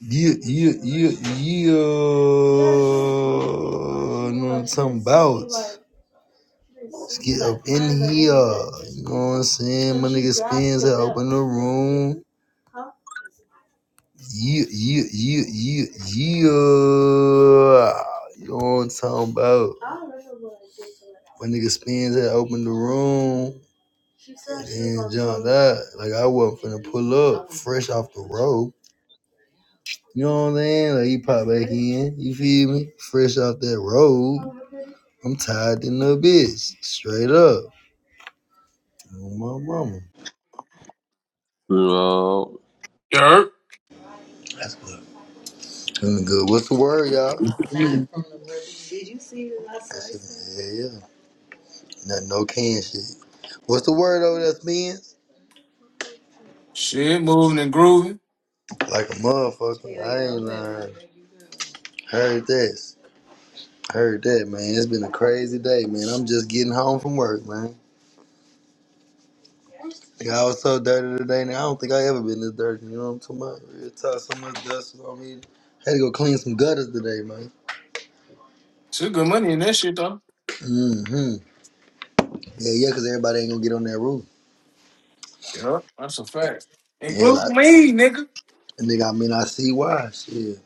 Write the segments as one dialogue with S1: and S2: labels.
S1: Yeah, yeah, yeah, yeah. You know what I'm talking about? Let's get up in here. You know what I'm saying? My nigga spins that opened the room. Yeah, yeah, yeah, yeah, yeah. You know what I'm talking about? My nigga spins that opened the room. And then jumped out. Like I wasn't finna pull up fresh off the road. You know what I'm saying? Like you pop back in. You feel me? Fresh off that road. I'm tired in the bitch. Straight up. Oh, my mama.
S2: No.
S3: Yerp.
S1: That's good. Feeling good. What's the word, y'all? I'm Not from the movie. Did you see it last night? Yeah, yeah. Not no can shit. What's the word over there, Spence?
S3: Shit, moving and grooving.
S1: Like a motherfucker. Yeah, I ain't lying. Heard this. Heard that, man. It's been a crazy day, man. I'm just getting home from work, man. Yeah, I was so dirty today, and I don't think I ever been this dirty. You know what I'm talking about? Real talk, so much dust was on me. Had to go clean some gutters today, man.
S3: Shit, good money in that shit, though.
S1: Mm-hmm. Yeah, yeah, because everybody ain't gonna get on that roof.
S3: Yep, that's a fact.
S1: Yeah,
S3: Including
S1: like,
S3: me, nigga.
S1: and nigga, I mean, I see why. Shit.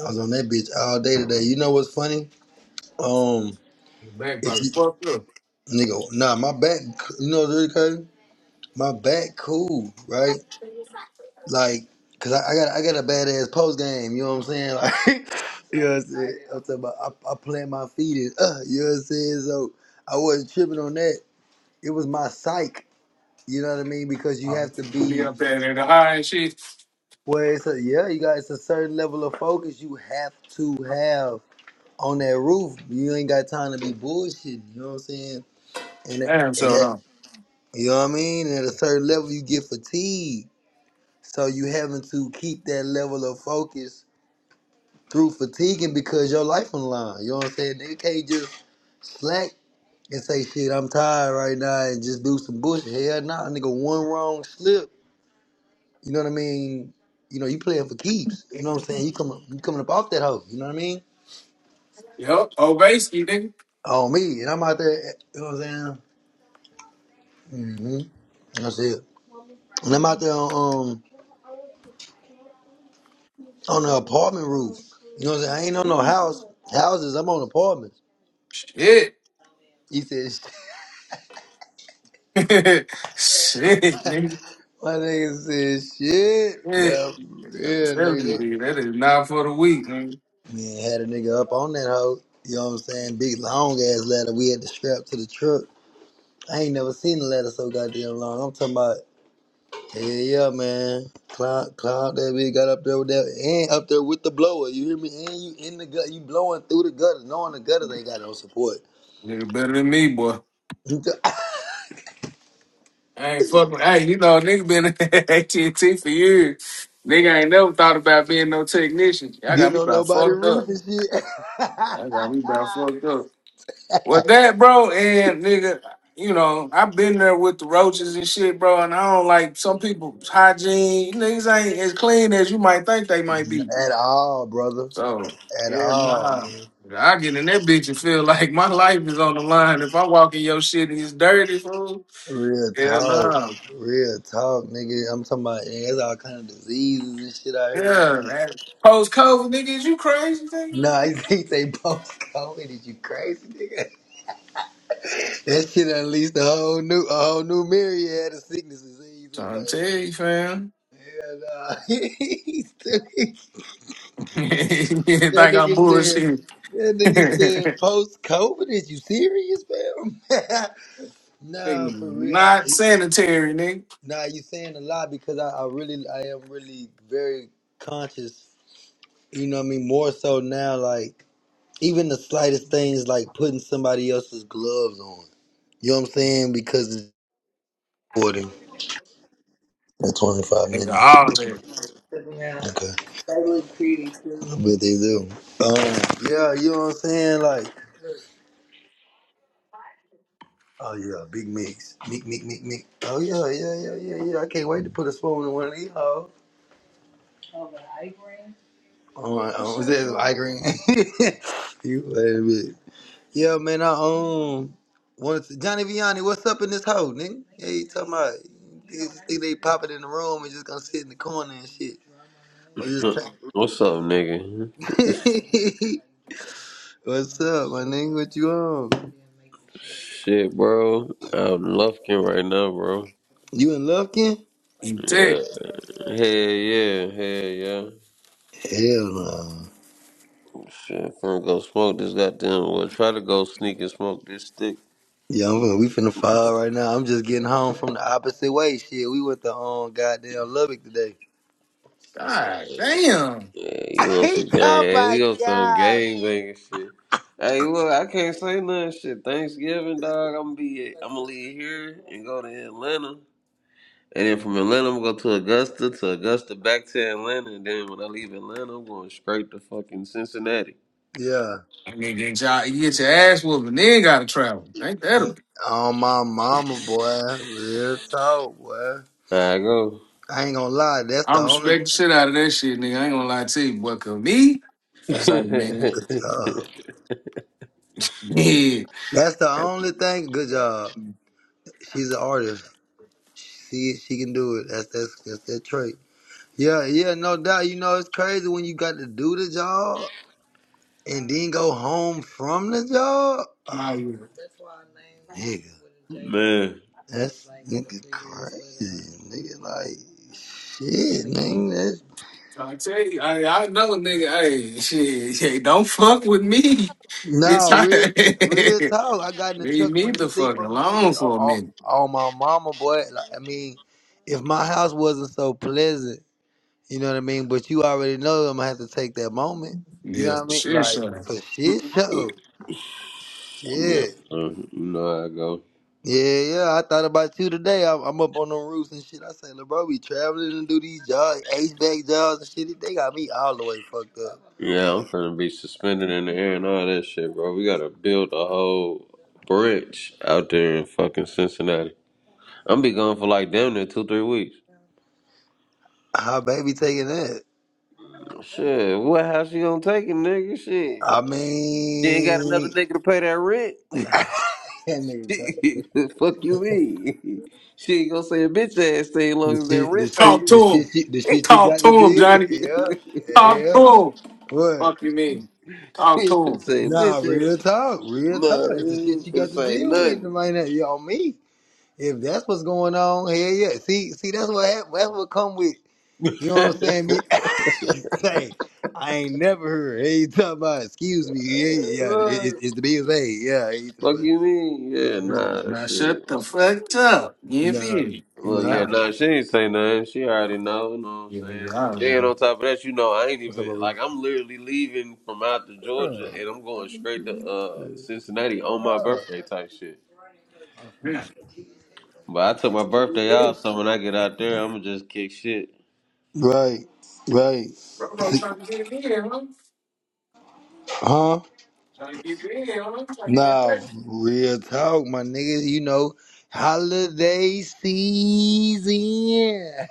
S1: I was on that bitch all day today. You know what's funny? Um,
S3: Your back
S1: if
S3: probably
S1: you,
S3: fucked up.
S1: nigga, nah, my back, you know what's really crazy? My back cool, right? like, cause I, I got I got a badass post game. You know what I'm saying? Like, you know what I'm saying? I'm talking about I, I plant my feet in. Uh, you know what I'm saying? So I wasn't tripping on that. It was my psych. You know what I mean? Because you
S3: I'll
S1: have to be
S3: be up there in the high and shit.
S1: where it's a yeah. You got it's a certain level of focus you have to have on that roof. You ain't got time to be bullshitting. You know what I'm saying? And that,
S3: Damn,
S1: and
S3: so
S1: that
S3: on.
S1: you know what I mean? And at a certain level, you get fatigued. So you having to keep that level of focus through fatiguing because your life on the line. You know what I'm saying? Nigga can't just slack and say shit. I'm tired right now and just do some bullshit. Hell nah, nigga. One wrong slip. You know what I mean? You know you playing for keeps. You know what I'm saying? You coming you coming up off that hoe. You know what I mean?
S3: Yep, Obeski, nigga.
S1: On me and I'm out there. You know what I'm saying? Mm-hmm. That's it. And I'm out there on um, on the apartment roof. You know what I'm saying? I ain't on no house houses. I'm on apartments.
S3: Shit.
S1: He said,
S3: shit, nigga.
S1: "My nigga said shit."
S3: Shit.
S1: Yeah, for
S3: I'm
S1: real,
S3: telling you,
S1: nigga.
S3: nigga, that is not for the weak, nigga.
S1: Man, had a nigga up on that hoe. You know what I'm saying? Big long ass ladder. We had to strap to the truck. I ain't never seen a ladder so goddamn long. I'm talking about, yeah, yeah, man. Cloud, cloud that bitch got up there with that, and up there with the blower. You hear me? And you in the gut, you blowing through the gutters, knowing the gutters ain't got no support.
S3: Nigga better than me, boy.
S1: You got-
S3: I ain't fucking. Hey, you know, nigga been at AT&T for years. Nigga ain't never thought about being no technician. Y'all got
S1: Getting
S3: me
S1: on
S3: about
S1: nobody's
S3: fucked
S1: roof
S3: up.
S1: and shit.
S3: I got me about fucked up. With that, bro, and nigga, you know, I've been there with the roaches and shit, bro, and I don't like some people's hygiene. Niggas ain't as clean as you might think they might be.
S1: At all, brother.
S3: So,
S1: At
S3: yeah,
S1: all,
S3: nah.
S1: man.
S3: I get in that bitch and feel like my life is on the line. If I walk in your shit and it's dirty, fool,
S1: Real
S3: yeah,
S1: talk,
S3: nah.
S1: real talk, nigga. I'm talking about yeah, there's all kind of diseases and shit out here.
S3: Yeah, man. Post COVID, nigga, is you crazy, nigga?
S1: Nah, I think they post COVID. Is you crazy, nigga? That shit unleashed a whole new, a whole new myriad of sicknesses. and you say,
S3: Trying to tell you, fam.
S1: Like, yeah, yeah, nah. He's stupid.
S3: you think
S1: that
S3: I'm
S1: nigga said,
S3: bullshit.
S1: that nigga said,
S3: nigga,
S1: post COVID. Is you serious, man? nah, for real.
S3: not
S1: I,
S3: sanitary, nigga.
S1: nah, you saying a lot because I, I really, I am really very conscious You know what I mean? More so now, like even the slightest things like putting somebody else's gloves on. You know what I'm saying? Because it's recording at 25
S3: Nigga,
S1: minutes.
S3: all that.
S1: Okay. But they do. Um, yeah, you know what I'm saying? Like, oh yeah, big mix. Meek, meek, meek, meek. Oh yeah, yeah, yeah, yeah, yeah. I can't wait to put a spoon in one of these hoes. Oh, my, oh, is that Igreen? you play a bit. Yeah, man, I um wanted to, Johnny Vianney, what's up in this hoe, nigga? Yeah, you talking about they just think they pop it in the room and just gonna sit in the corner and shit. Or just
S2: What's up, nigga?
S1: t- What's up, my nigga? What you on?
S2: Shit, bro. I'm lufkin right now, bro.
S1: You in love, Ken?
S3: You
S2: Yeah.
S3: tick.
S2: Hell yeah. Hell yeah.
S1: Hell no.
S2: Shit, finna go smoke this goddamn. Well, try to go sneak and smoke this stick.
S1: Yeah, I'm finna, we finna fall right now. I'm just getting home from the opposite way. Shit, we went to um goddamn Lubbock today.
S3: God damn.
S2: Yeah, you want
S1: He
S2: some gang?
S1: oh
S2: Hey,
S1: my
S2: we on some
S1: god.
S2: gang banging shit. Hey, look, I can't say nothing. Shit, Thanksgiving, dog. I'm gonna be. I'm gonna leave here and go to Atlanta. And then from Atlanta, I'm going to go to Augusta, to Augusta, back to Atlanta. And then when I leave Atlanta, I'm going straight to fucking Cincinnati.
S1: Yeah.
S3: I mean, get y'all, you get your ass whooped and then gotta travel. Ain't that a
S1: On my mama, boy. Real talk, boy.
S2: There I go.
S1: I ain't gonna lie. That's
S3: I
S1: the only.
S3: respect the shit out of that shit, nigga. I ain't gonna lie to you, but 'cause me, sorry, man.
S1: Uh, that's the only thing. Good job. She's an artist. She she can do it. That's that's that's that trait. Yeah, yeah, no doubt. You know, it's crazy when you got to do the job and then go home from the job. Oh,
S3: Yeah.
S1: nigga.
S2: Man.
S1: That's nigga crazy. Nigga like shit, nigga.
S3: I tell you, I, I know, nigga. Hey, shit, hey, don't fuck with me. Bitch,
S1: Nah, real real
S3: I,
S1: talk. I got in the
S3: leave
S1: truck and
S3: me
S1: went to
S3: the
S1: sleep
S3: fuck
S1: on them
S3: alone
S1: niggas. On,
S3: for a
S1: on,
S3: minute.
S1: on my mama, boy. Like, I mean, if my house wasn't so pleasant, you know what I mean? But you already know I'm gonna have to take that moment. You know
S3: Yeah,
S1: what I mean?
S3: shit,
S1: Like,
S3: son.
S1: for shit show.
S2: Yeah,
S1: Shit.
S2: uh, you know how I go.
S1: Yeah, yeah. I thought about you today. I'm, I'm up on them roofs and shit. I say, "Look, bro, we traveling and do these jobs, HVAC jobs and shit. They got me all the way fucked up.
S2: Yeah, I'm finna be suspended in the air and all that shit, bro. We gotta build a whole branch out there in fucking Cincinnati. I'm be gone for like damn near two, three weeks.
S1: How baby taking that?
S2: Shit, what how she gonna take it, nigga?
S1: I
S2: Shit. She ain't got another
S1: mean,
S2: nigga to pay that rent.
S1: that nigga crazy.
S2: She, the fuck you mean? She ain't gonna say a bitch ass thing as long
S1: The
S2: as that
S1: shit, the
S2: rent paid.
S1: shit,
S3: Talk
S1: the
S3: to him.
S1: shit, she, the shit you
S3: Talk
S1: got to
S3: to him,
S1: deal with,
S3: Johnny.
S2: she
S1: yeah,
S3: Talk
S1: yeah.
S3: to him.
S1: What?
S3: Fuck you mean? Talk
S2: ain't
S3: to
S2: gonna
S3: him.
S2: say a
S1: Nah,
S2: bitch
S1: real
S2: ass.
S1: talk, real talk.
S2: No, she
S1: That's the shit
S2: ain't
S1: you
S2: gonna
S1: got to
S2: say
S1: deal with. It
S2: nothing.
S1: might not be on me. If that's what's going on, hell yeah. See, see, that's what hap- that's what come with. You know what I'm saying? Me, you say, I ain't never heard. Hey, you talking about? Excuse me, yeah, yeah. It, it,
S2: Right.
S1: it's the bills paid, yeah. He
S2: fuck
S1: talking
S2: you mean?
S1: about,
S2: Yeah,
S1: I'm
S3: Yeah,
S1: sorry.
S2: nah,
S3: now
S2: shit.
S3: shut the fuck up. You
S1: Nah,
S3: feel me?
S2: Well, yeah,
S1: nah.
S3: Nah,
S2: nah, she ain't say nothing. She already know, you know what I'm
S3: yeah, yeah, yeah,
S2: saying?
S3: I
S2: And
S3: don't
S2: then
S3: know.
S2: on top of that, you know, I ain't
S1: What's up,
S2: even,
S1: baby?
S2: like, I'm literally leaving from out to Georgia
S1: Girl,
S2: and I'm going straight to uh Cincinnati on my
S1: girl.
S2: birthday type shit.
S3: Oh, yeah.
S2: But I took my
S3: That's what you
S2: birthday
S3: did.
S2: off, so when I get out there, I'm gonna just kick shit.
S1: Right, right.
S3: Bro, bro, trying to get it in, huh?
S1: Huh?
S3: Trying to get it in, huh? Trying to get
S1: Nah,
S3: that
S1: real talk, my niggas. You know, holiday season.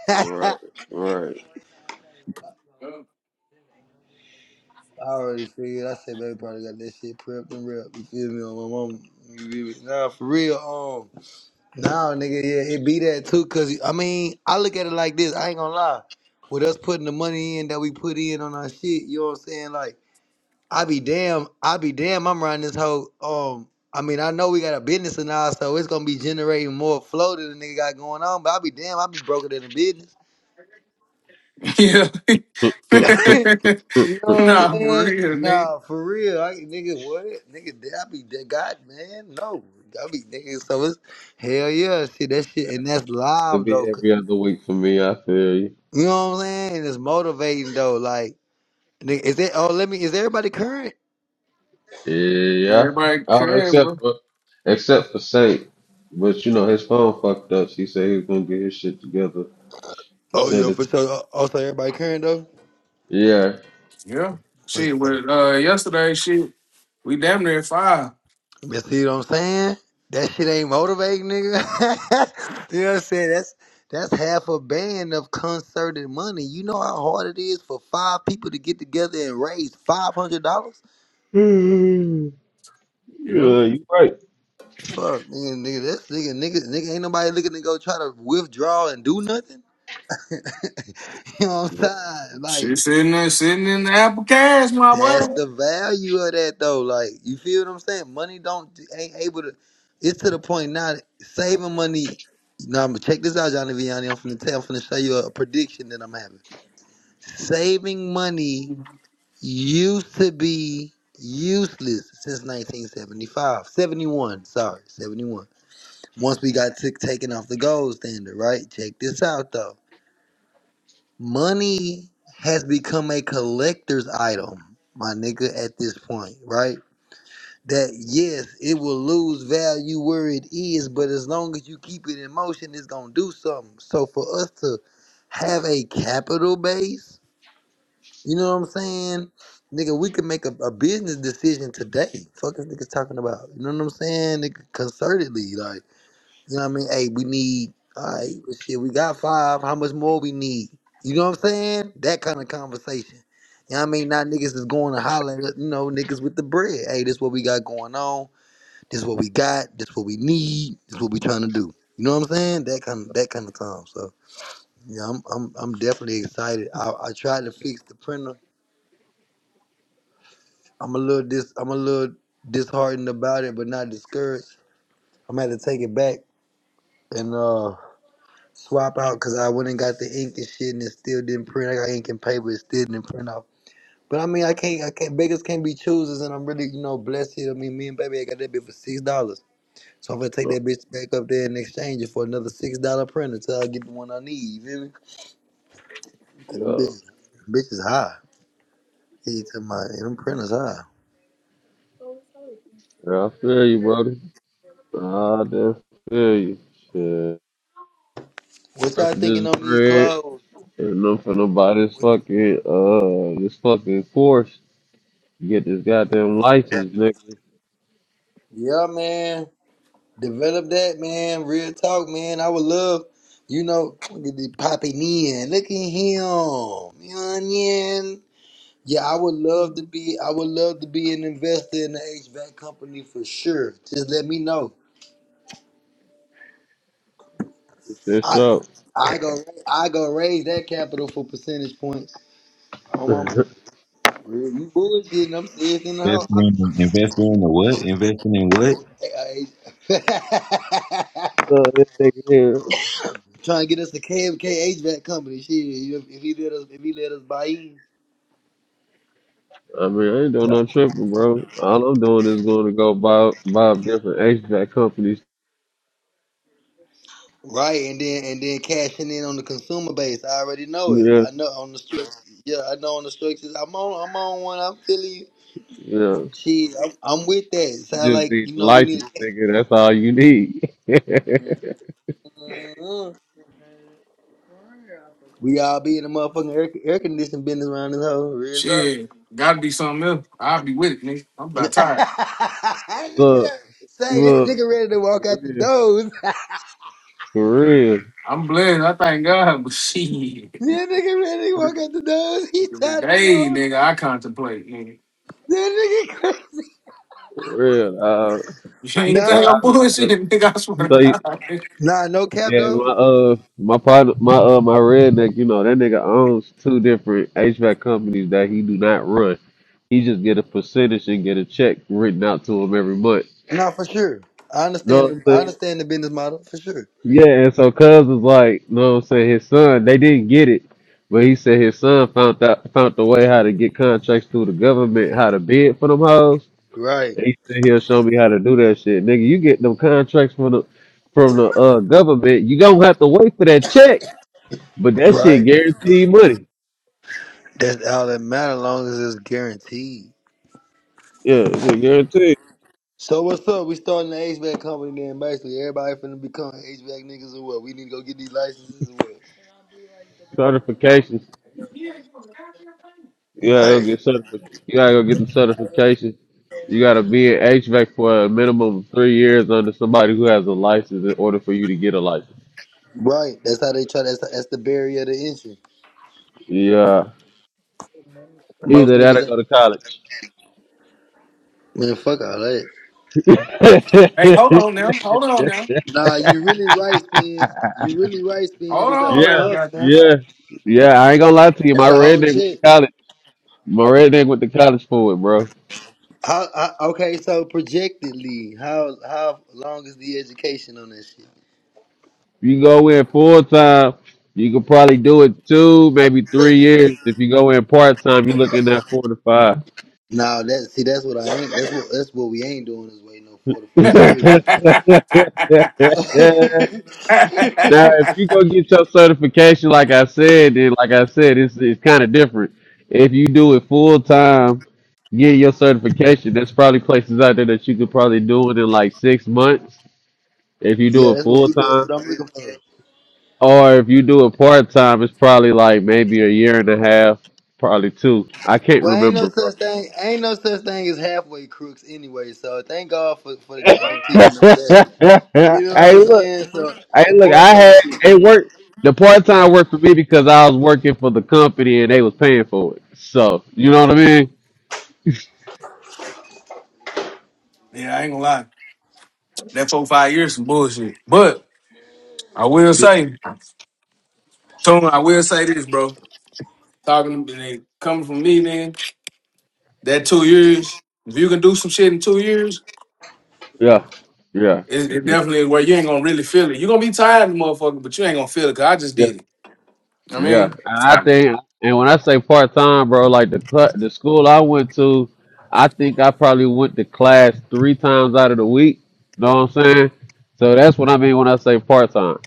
S1: I
S2: Right, right.
S3: back.
S1: already figured. I said, baby, probably got that shit prepped and repped. You feel me? On my mom. You feel me? Nah, for real. Um, nah, nigga. Yeah, it be that too. Cause I mean, I look at it like this. I ain't gonna lie. With us putting the money in that we put in on our shit, you know what I'm saying? Like. I be damn, I be damn, I'm running this whole um I mean, I know we got a business and all, so it's gonna be generating more flow than the nigga got going on, but I be damn, I be broker than a business.
S3: Yeah.
S2: It'll
S1: you know what
S3: nah,
S1: I'm
S3: for
S1: saying?
S3: real, nigga.
S1: Nah, for real. I nigga what? Nigga I be that god man, no. I be nigga so it's hell yeah, shit, that shit and that's live
S2: be
S1: though. c-
S2: every other week for me. I feel you.
S1: You know what I'm saying? It's motivating though, like nigga, is it oh let me is everybody current?
S2: Yeah.
S3: Everybody
S2: Oh,
S3: came,
S2: except
S3: bro.
S2: for except for Saint, but you know his phone fucked up. He said he was gonna get his shit together and
S1: Oh
S2: send
S1: yeah,
S2: it.
S1: for
S2: To
S1: sure. Oh, oh, so everybody current though?
S2: Yeah.
S3: Yeah.
S1: For
S3: She
S1: sure.
S3: with uh yesterday she we damn near five.
S1: You see what I'm saying? That shit ain't motivating, nigga. you know what I'm saying? That's that's half a band of concerted money. You know how hard it is for five people to get together and raise five hundred dollars?
S2: Mm.
S3: Yeah.
S2: yeah, you right.
S1: Fuck, nigga, nigga, that's nigga, nigga, nigga, ain't nobody looking to go try to withdraw and do nothing. you know what I'm
S2: Yeah,
S1: saying? Like,
S3: She sitting there sitting in the apple cash, my
S1: That's
S3: boy.
S1: the value of that though. Like you feel what I'm saying? Money don't ain't able to. It's to the point now. that Saving money. Now I'm gonna check this out, Johnny Vianney. I'm finna tell. I'm finna show you a prediction that I'm having. Saving money used to be useless since 1975, 71. Sorry, 71. Once we got took taken off the gold standard, right? Check this out though. Money has become a collector's item, my nigga. At this point, right? that yes, it will lose value where it is, but as long as you keep it in motion, it's gonna do something. So for us to have a capital base, you know what I'm saying? Nigga, we can make a, a business decision today. Fuck this niggas talking about. You know what I'm saying? Nigga, concertedly, like, you know what I mean? Hey, we need, all right, well, shit, we got five. How much more we need? You know what I'm saying? That kind of conversation. You know what I mean? Not niggas is going to holler, at, you know, niggas with the bread. Hey, this what we got going on this is what we got. This is what we need. This is what we trying to do. You know what I'm saying? That kind of that kind of time. So yeah, I'm I'm I'm definitely excited. I, I tried to fix the printer. I'm a little dis I'm a little disheartened about it, but not discouraged. I'm gonna have to take it back and uh swap out because I went and got the ink and shit and it still didn't print. I got ink and paper, it still didn't print off. But I mean I can't I can't beggars can't be choosers and I'm really, you know, blessed. I mean me and baby I got that bit for six dollars. So I'm gonna take that bitch back up there and exchange it for another six dollar printer till I get the one I need. You feel me? 'Cause them
S2: yeah,
S1: bitches, them bitches high. He to my them printers high.
S2: Yeah, I feel you, brother. I damn feel you. Shit.
S1: What y'all
S2: Rest of
S1: thinking
S2: this
S1: on these
S2: bread.
S1: clothes?
S2: Enough for nobody. this fucking uh this fucking course. You get this goddamn license, nigga.
S1: Yeah, man. Develop that, man. Real talk, man. I would love, you know, look at the popping in. Look at him. onion. Yeah, I would love to be. I would love to be an investor in the HVAC company for sure. Just let me know.
S2: This shit's
S1: I,
S2: up.
S1: I go, I go raise that capital for percentage points. Oh my, mama. Real, you bullshitting? I'm serious in the house.
S4: Investing
S1: I'm,
S4: in, investing in the what? Investing in what?
S1: I, I,
S2: No, this nigga here.
S1: trying to get us the KMK HVAC company. Shit, if, if he let us, if he let us buy in,
S2: I mean, I ain't doing no tripping, bro. All I'm doing is going to go buy buy different HVAC companies.
S1: right, and then and then cashing in on the consumer base. I already know it.
S2: Yeah,
S1: I know on the structures. Yeah, I know on the structures. I'm on, I'm on one. I'm feeling.
S2: yeah.
S1: Shit, I'm, I'm with that.
S2: You
S1: Sound
S2: just
S1: like
S2: need
S1: you
S2: the
S1: know we need.
S2: license, nigga. That's all you need.
S1: To We all be in the motherfucking air, air conditioning business around this whole real talk.
S3: Shit. Gotta be something else. I'll be with it, nigga. I'm about tired.
S1: that nigga
S2: look,
S1: done- say that
S2: look,
S1: nigga ready to walk out the
S2: for
S1: doors. that
S2: real,
S3: I'm blessed. I thank God, but shit.
S1: nigga ready to
S2: for real,
S1: walk out the doors. He
S3: Every
S1: tired them
S3: day,
S1: all.
S3: nigga, I contemplate, nigga.
S1: That nigga crazy.
S2: for real. Uh,
S3: You ain't
S2: yeah,
S3: think
S1: Nah,
S2: I
S3: I'm
S2: like to.
S3: bullshitting, nigga. I swear to
S2: say.
S3: God.
S1: nah, no cap
S2: Yeah,
S1: though.
S2: my uh, my partner, my uh, my redneck, you know, that nigga owns two different HVAC companies that he do not run. He just get a percentage and get a check written out to him every month.
S1: Nah, for sure. I understand.
S2: know
S1: The,
S2: what I'm
S1: I
S2: saying?
S1: understand the business model for sure.
S2: Yeah, and so Cuz was like, you know what I'm saying? His son, they didn't get it, but he said his son found out found the way how to get contracts through the government, how to bid for them hoes.
S1: Right,
S2: And he said he'll show me how to do that shit, nigga. You get them contracts from the from the uh government, you don't have to wait for that check. But that shit
S1: right.
S2: guaranteed money.
S1: That's all that matters. As long as it's guaranteed.
S2: Yeah, that shit guaranteed.
S1: So what's up? We starting the HVAC company then. Basically, everybody finna become HVAC niggas or what? We need to go get these licenses or what?
S2: Certifications.
S3: Nigga.
S2: You gotta go
S1: Right.
S2: get certific. You gotta go get the certification. You gotta be in HVAC for a minimum of three years under somebody who has a license in order for you to get a license.
S1: Right. That's how they try. That's that's the barrier to entry.
S2: Yeah.
S1: Most
S2: Either that or
S1: niggas ain't.
S2: go to college.
S1: Man, fuck all that.
S3: Hey, hold on now. Hold on now.
S1: Nah, you really right, Spins. You really right, Spins.
S3: Hold
S1: It's a
S3: on
S2: yeah,
S3: now,
S1: whole hustle.
S3: goddamn.
S2: yeah. Yeah, I ain't gonna lie to you.
S1: It's
S2: My
S1: a whole
S2: redneck went to
S1: check.
S2: college. My redneck went to college for it, bro.
S1: How, how, okay, so projectedly, how how long is the education on that shit?
S2: you go in full time, you could probably do it two, maybe three years. If you go in part time, you're looking at four to five.
S1: Nah, that see, that's what I ain't. That's what that's what we ain't doing is waiting on four to five
S2: now,
S1: years.
S3: yeah,
S2: if you go get your certification, like I said, then like I said, it's it's kind of different. If you do it full time, get your certification. There's probably places out there that you could probably do it in like six months if you do
S1: yeah,
S2: it
S1: that's what
S2: full
S1: we. That's
S2: time.
S1: what I'm looking for.
S2: Or if you do it part time, it's probably like maybe a year and a half, probably two. I can't
S1: Well, ain't no
S2: remember, bro.
S1: such thing. Ain't no such thing as halfway crooks anyway. So thank God for, for the
S2: hey,
S1: game teaching us that.
S2: look,
S1: You know what
S2: hey,
S1: I'm
S2: look.
S1: saying? So that part
S2: I
S1: time
S2: had
S1: shit
S2: it
S1: good.
S2: worked. The
S1: But
S2: part
S1: what's-
S2: time worked for me because I was working for the company and they was paying for it. So you know what I mean?
S3: I ain't gonna lie. That four five years some bullshit. But I will
S2: Yeah,
S3: say, Tone, I will say this, bro. Talking to they coming from me then, that two years, if you can do some shit in two years,
S2: yeah, yeah,
S3: it, it
S2: yeah.
S3: definitely is where you ain't gonna really feel it. you gonna be tired, motherfucker, but you ain't gonna feel it because I just
S2: yeah.
S3: did it. I
S2: Yeah,
S3: mean,
S2: and I think, and when I say part time, bro, like the cl- the school I went to, I think I probably went to class three times out of the week. Know what I'm saying? So that's what I mean when I say part time.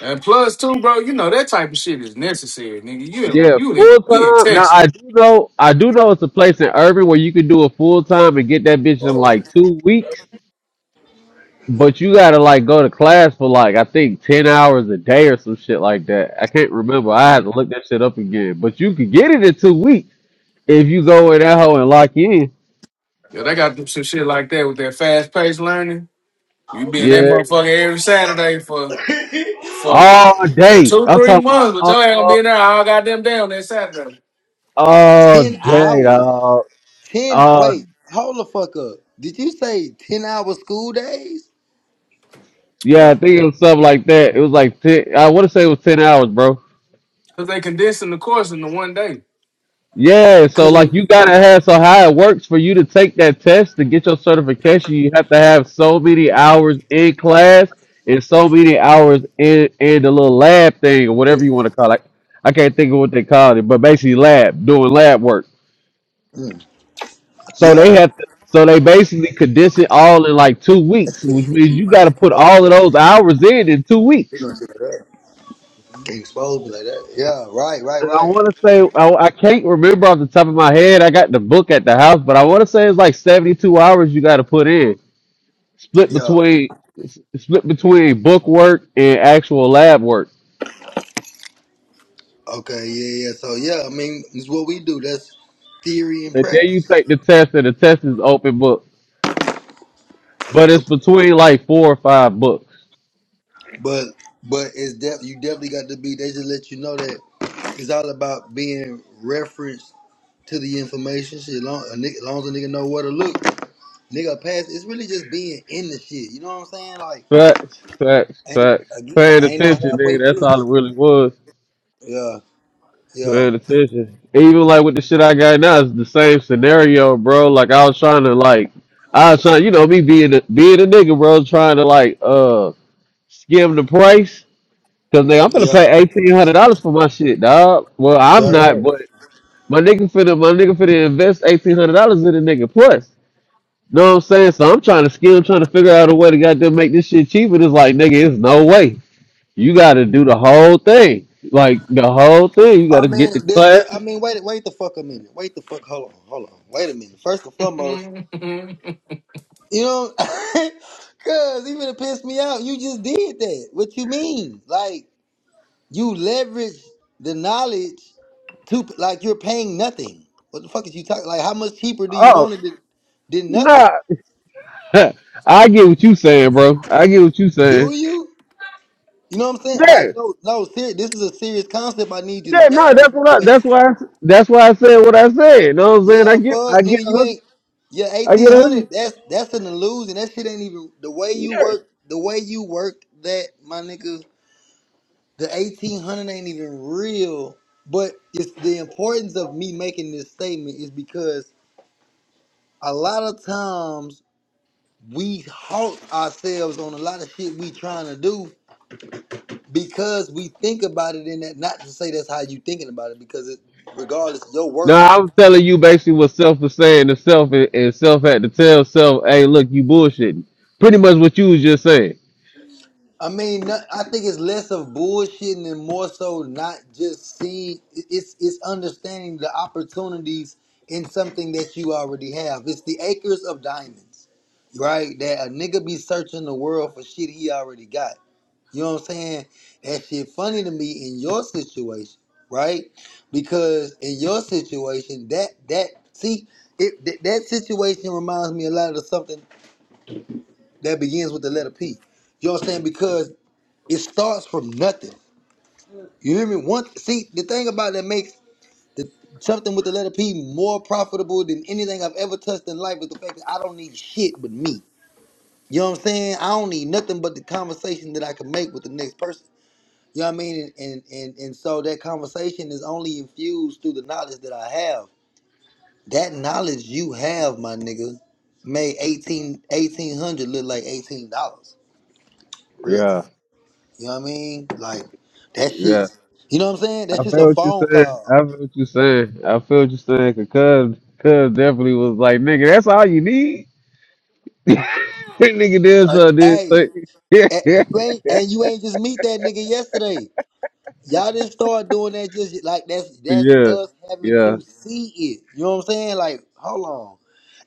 S3: and plus too, bro, you know that type of shit is necessary, nigga. You in,
S2: Yeah,
S3: you in,
S2: full
S3: we in
S2: time. Now
S3: Texas.
S2: I do know, I do know it's a place in Irving where you can do a full time and get that bitch in like two weeks. But you gotta like go to class for like I think ten hours a day or some shit like that. I can't remember. I had to look that shit up again. But you could get it in two weeks. If you go in that hole and lock in,
S3: Yeah, they got some shit like that with that fast paced learning. You be in that
S2: yeah,
S3: motherfucker every Saturday for for
S2: all
S3: for
S2: day.
S3: two,
S2: I'm
S3: three
S2: talking about
S3: months, but y'all ain't gonna be
S2: all
S3: in there all goddamn day on that Saturday.
S2: all
S1: ten
S2: day,
S1: hours?
S2: dog.
S1: Ten?
S2: Uh,
S1: Wait, hold the fuck up. Did you say ten hour school days?
S2: yeah,
S3: Yeah.
S2: I think it was something like that. It was like ten. I want to say it was ten hours, bro.
S3: Cause they condensing the course into one day.
S2: Yeah, so
S1: Cause it,
S2: like you gotta have so how it works for you to take that test to get your certification, you have to have so many hours in class and so many hours in in the little lab thing or whatever
S1: it,
S2: you want to call it. I can't think of what they called it, but basically lab doing lab work.
S1: mm,
S2: So they
S1: yeah,
S2: had to, so they basically condensed it all in like two weeks,
S1: that's
S2: which
S1: it.
S2: means
S1: So You
S2: you
S1: might
S2: got to
S1: get
S2: put
S1: fucked
S2: all of
S1: up.
S2: those hours in in two
S1: You
S2: weeks.
S1: don't shit like that. Can't expose me like that. Yeah, right, right,
S2: And I
S1: right.
S2: want to say I, I can't remember off the top of my head. I got the book at the house, but I want to say it's like seventy-two hours you got to put in, split
S1: Yeah.
S2: between s- split between book work and actual lab work.
S1: Okay. Yeah, yeah. So yeah, I mean, it's what we do. That's theory and
S2: And then you
S1: practice.
S2: take the test, and the test is open book, but it's
S1: Okay.
S2: between like four or five books.
S1: But but it's def- you definitely got to be. They just let you know that it's all about being referenced to the information. Shit, long, a nigga, long as a nigga know where to look, nigga pass. It's really just being in the shit. You know what I'm saying? Like,
S2: Facts, facts,
S1: ain't,
S2: facts.
S1: again,
S2: Paying
S1: ain't no
S2: attention,
S1: halfway
S2: nigga. That's
S1: crook.
S2: all it really was.
S1: Yeah, yeah,
S2: Paying attention. And even like with the shit I got now, it's the same scenario, bro. Like I was trying to like I was trying, you know, me being a, being a nigga, bro, trying to like uh skim the price because nigga, I'm gonna
S1: yeah.
S2: pay eighteen hundred dollars for my shit, dog. Well, I'm not,
S1: That right.
S2: but my nigga finna my nigga finna invest eighteen hundred dollars in a nigga plus. Know what I'm saying? So I'm trying to skim, trying to figure out a way to goddamn make this shit cheaper. It's like nigga, it's no way. You got to do the whole thing, like the whole thing. You got
S1: I
S2: to get
S1: mean,
S2: the
S1: this, this, I
S2: class.
S1: mean, wait, wait the fuck a minute. Wait the fuck. Hold on, hold on. Wait a minute. First and foremost,
S3: Mhm.
S1: you know, cause even to piss me out, you just did that. What you mean? Like. You leverage the knowledge to like you're paying nothing. What the fuck is you talking? Like, how much cheaper do you want it than, than
S2: Nah,
S1: nothing?
S2: I get what you saying, bro. I get what you saying.
S1: Do you? You know what I'm saying?
S2: Yeah,
S1: Like, no, no, ser- this is a serious concept. I need you to
S2: yeah, no,
S1: grasp
S2: that's what I,
S1: because,
S2: that's why I, that's why I said what I said. You know what I'm saying?
S1: yeah,
S2: I get
S1: fuck,
S2: I get
S1: nigga,
S2: a
S1: you
S2: hundred
S1: ain't. Yeah,
S2: I
S1: eighteen
S2: get a
S1: hundred.
S2: hundred.
S1: That's that's an illusion. That shit ain't even the way you
S2: Yeah.
S1: work. The way you work that, my nigga. The eighteen hundred ain't even real. But it's the importance of me making this statement is because a lot of times we halt ourselves on a lot of shit we trying to do because we think about it in that not to say that's how you thinking about it because it regardless your
S2: No,
S1: work
S2: I'm telling you basically what self was saying to self and, and self had to tell self, hey, look, you bullshitting. Pretty much what you was just saying.
S1: i mean no- i think it's less of bullshitting and more so not just seeing it's it's understanding the opportunities in something that you already have it's the acres of diamonds right that a nigga be searching the world for shit he already got You know what I'm saying? That shit funny to me in your situation, right? Because in your situation, that that see it that, that situation reminds me a lot of something that begins with the letter P. You know what I'm saying? Because it starts from nothing. You hear me? One see the thing about that makes the something with the letter P more profitable than anything I've ever touched in life is the fact that I don't need shit but me. You know what I'm saying? I don't need nothing but the conversation that I can make with the next person. You know what I mean? And, and and and so that conversation is only infused through the knowledge that I have. That knowledge you have, my nigga, made 18 1800 look like eighteen dollars. Real.
S2: Yeah,
S1: You know what I mean? Like that
S2: yeah.
S1: shit's you know what I'm saying?
S2: I
S1: That's just a
S2: feel what you're
S1: phone
S2: saying. I
S1: call.
S2: feel what you're saying. I feel what you're saying. Cause Cuz Cuz definitely was like, nigga, that's all you need. nigga did
S1: Uh,
S2: so
S1: hey,
S2: did.
S1: eh, you ain't and you ain't just meet that nigga yesterday. Y'all just start doing that just like that's that's
S2: Yeah,
S1: us having
S2: yeah.
S1: to see it. You know what I'm saying? Like, hold on.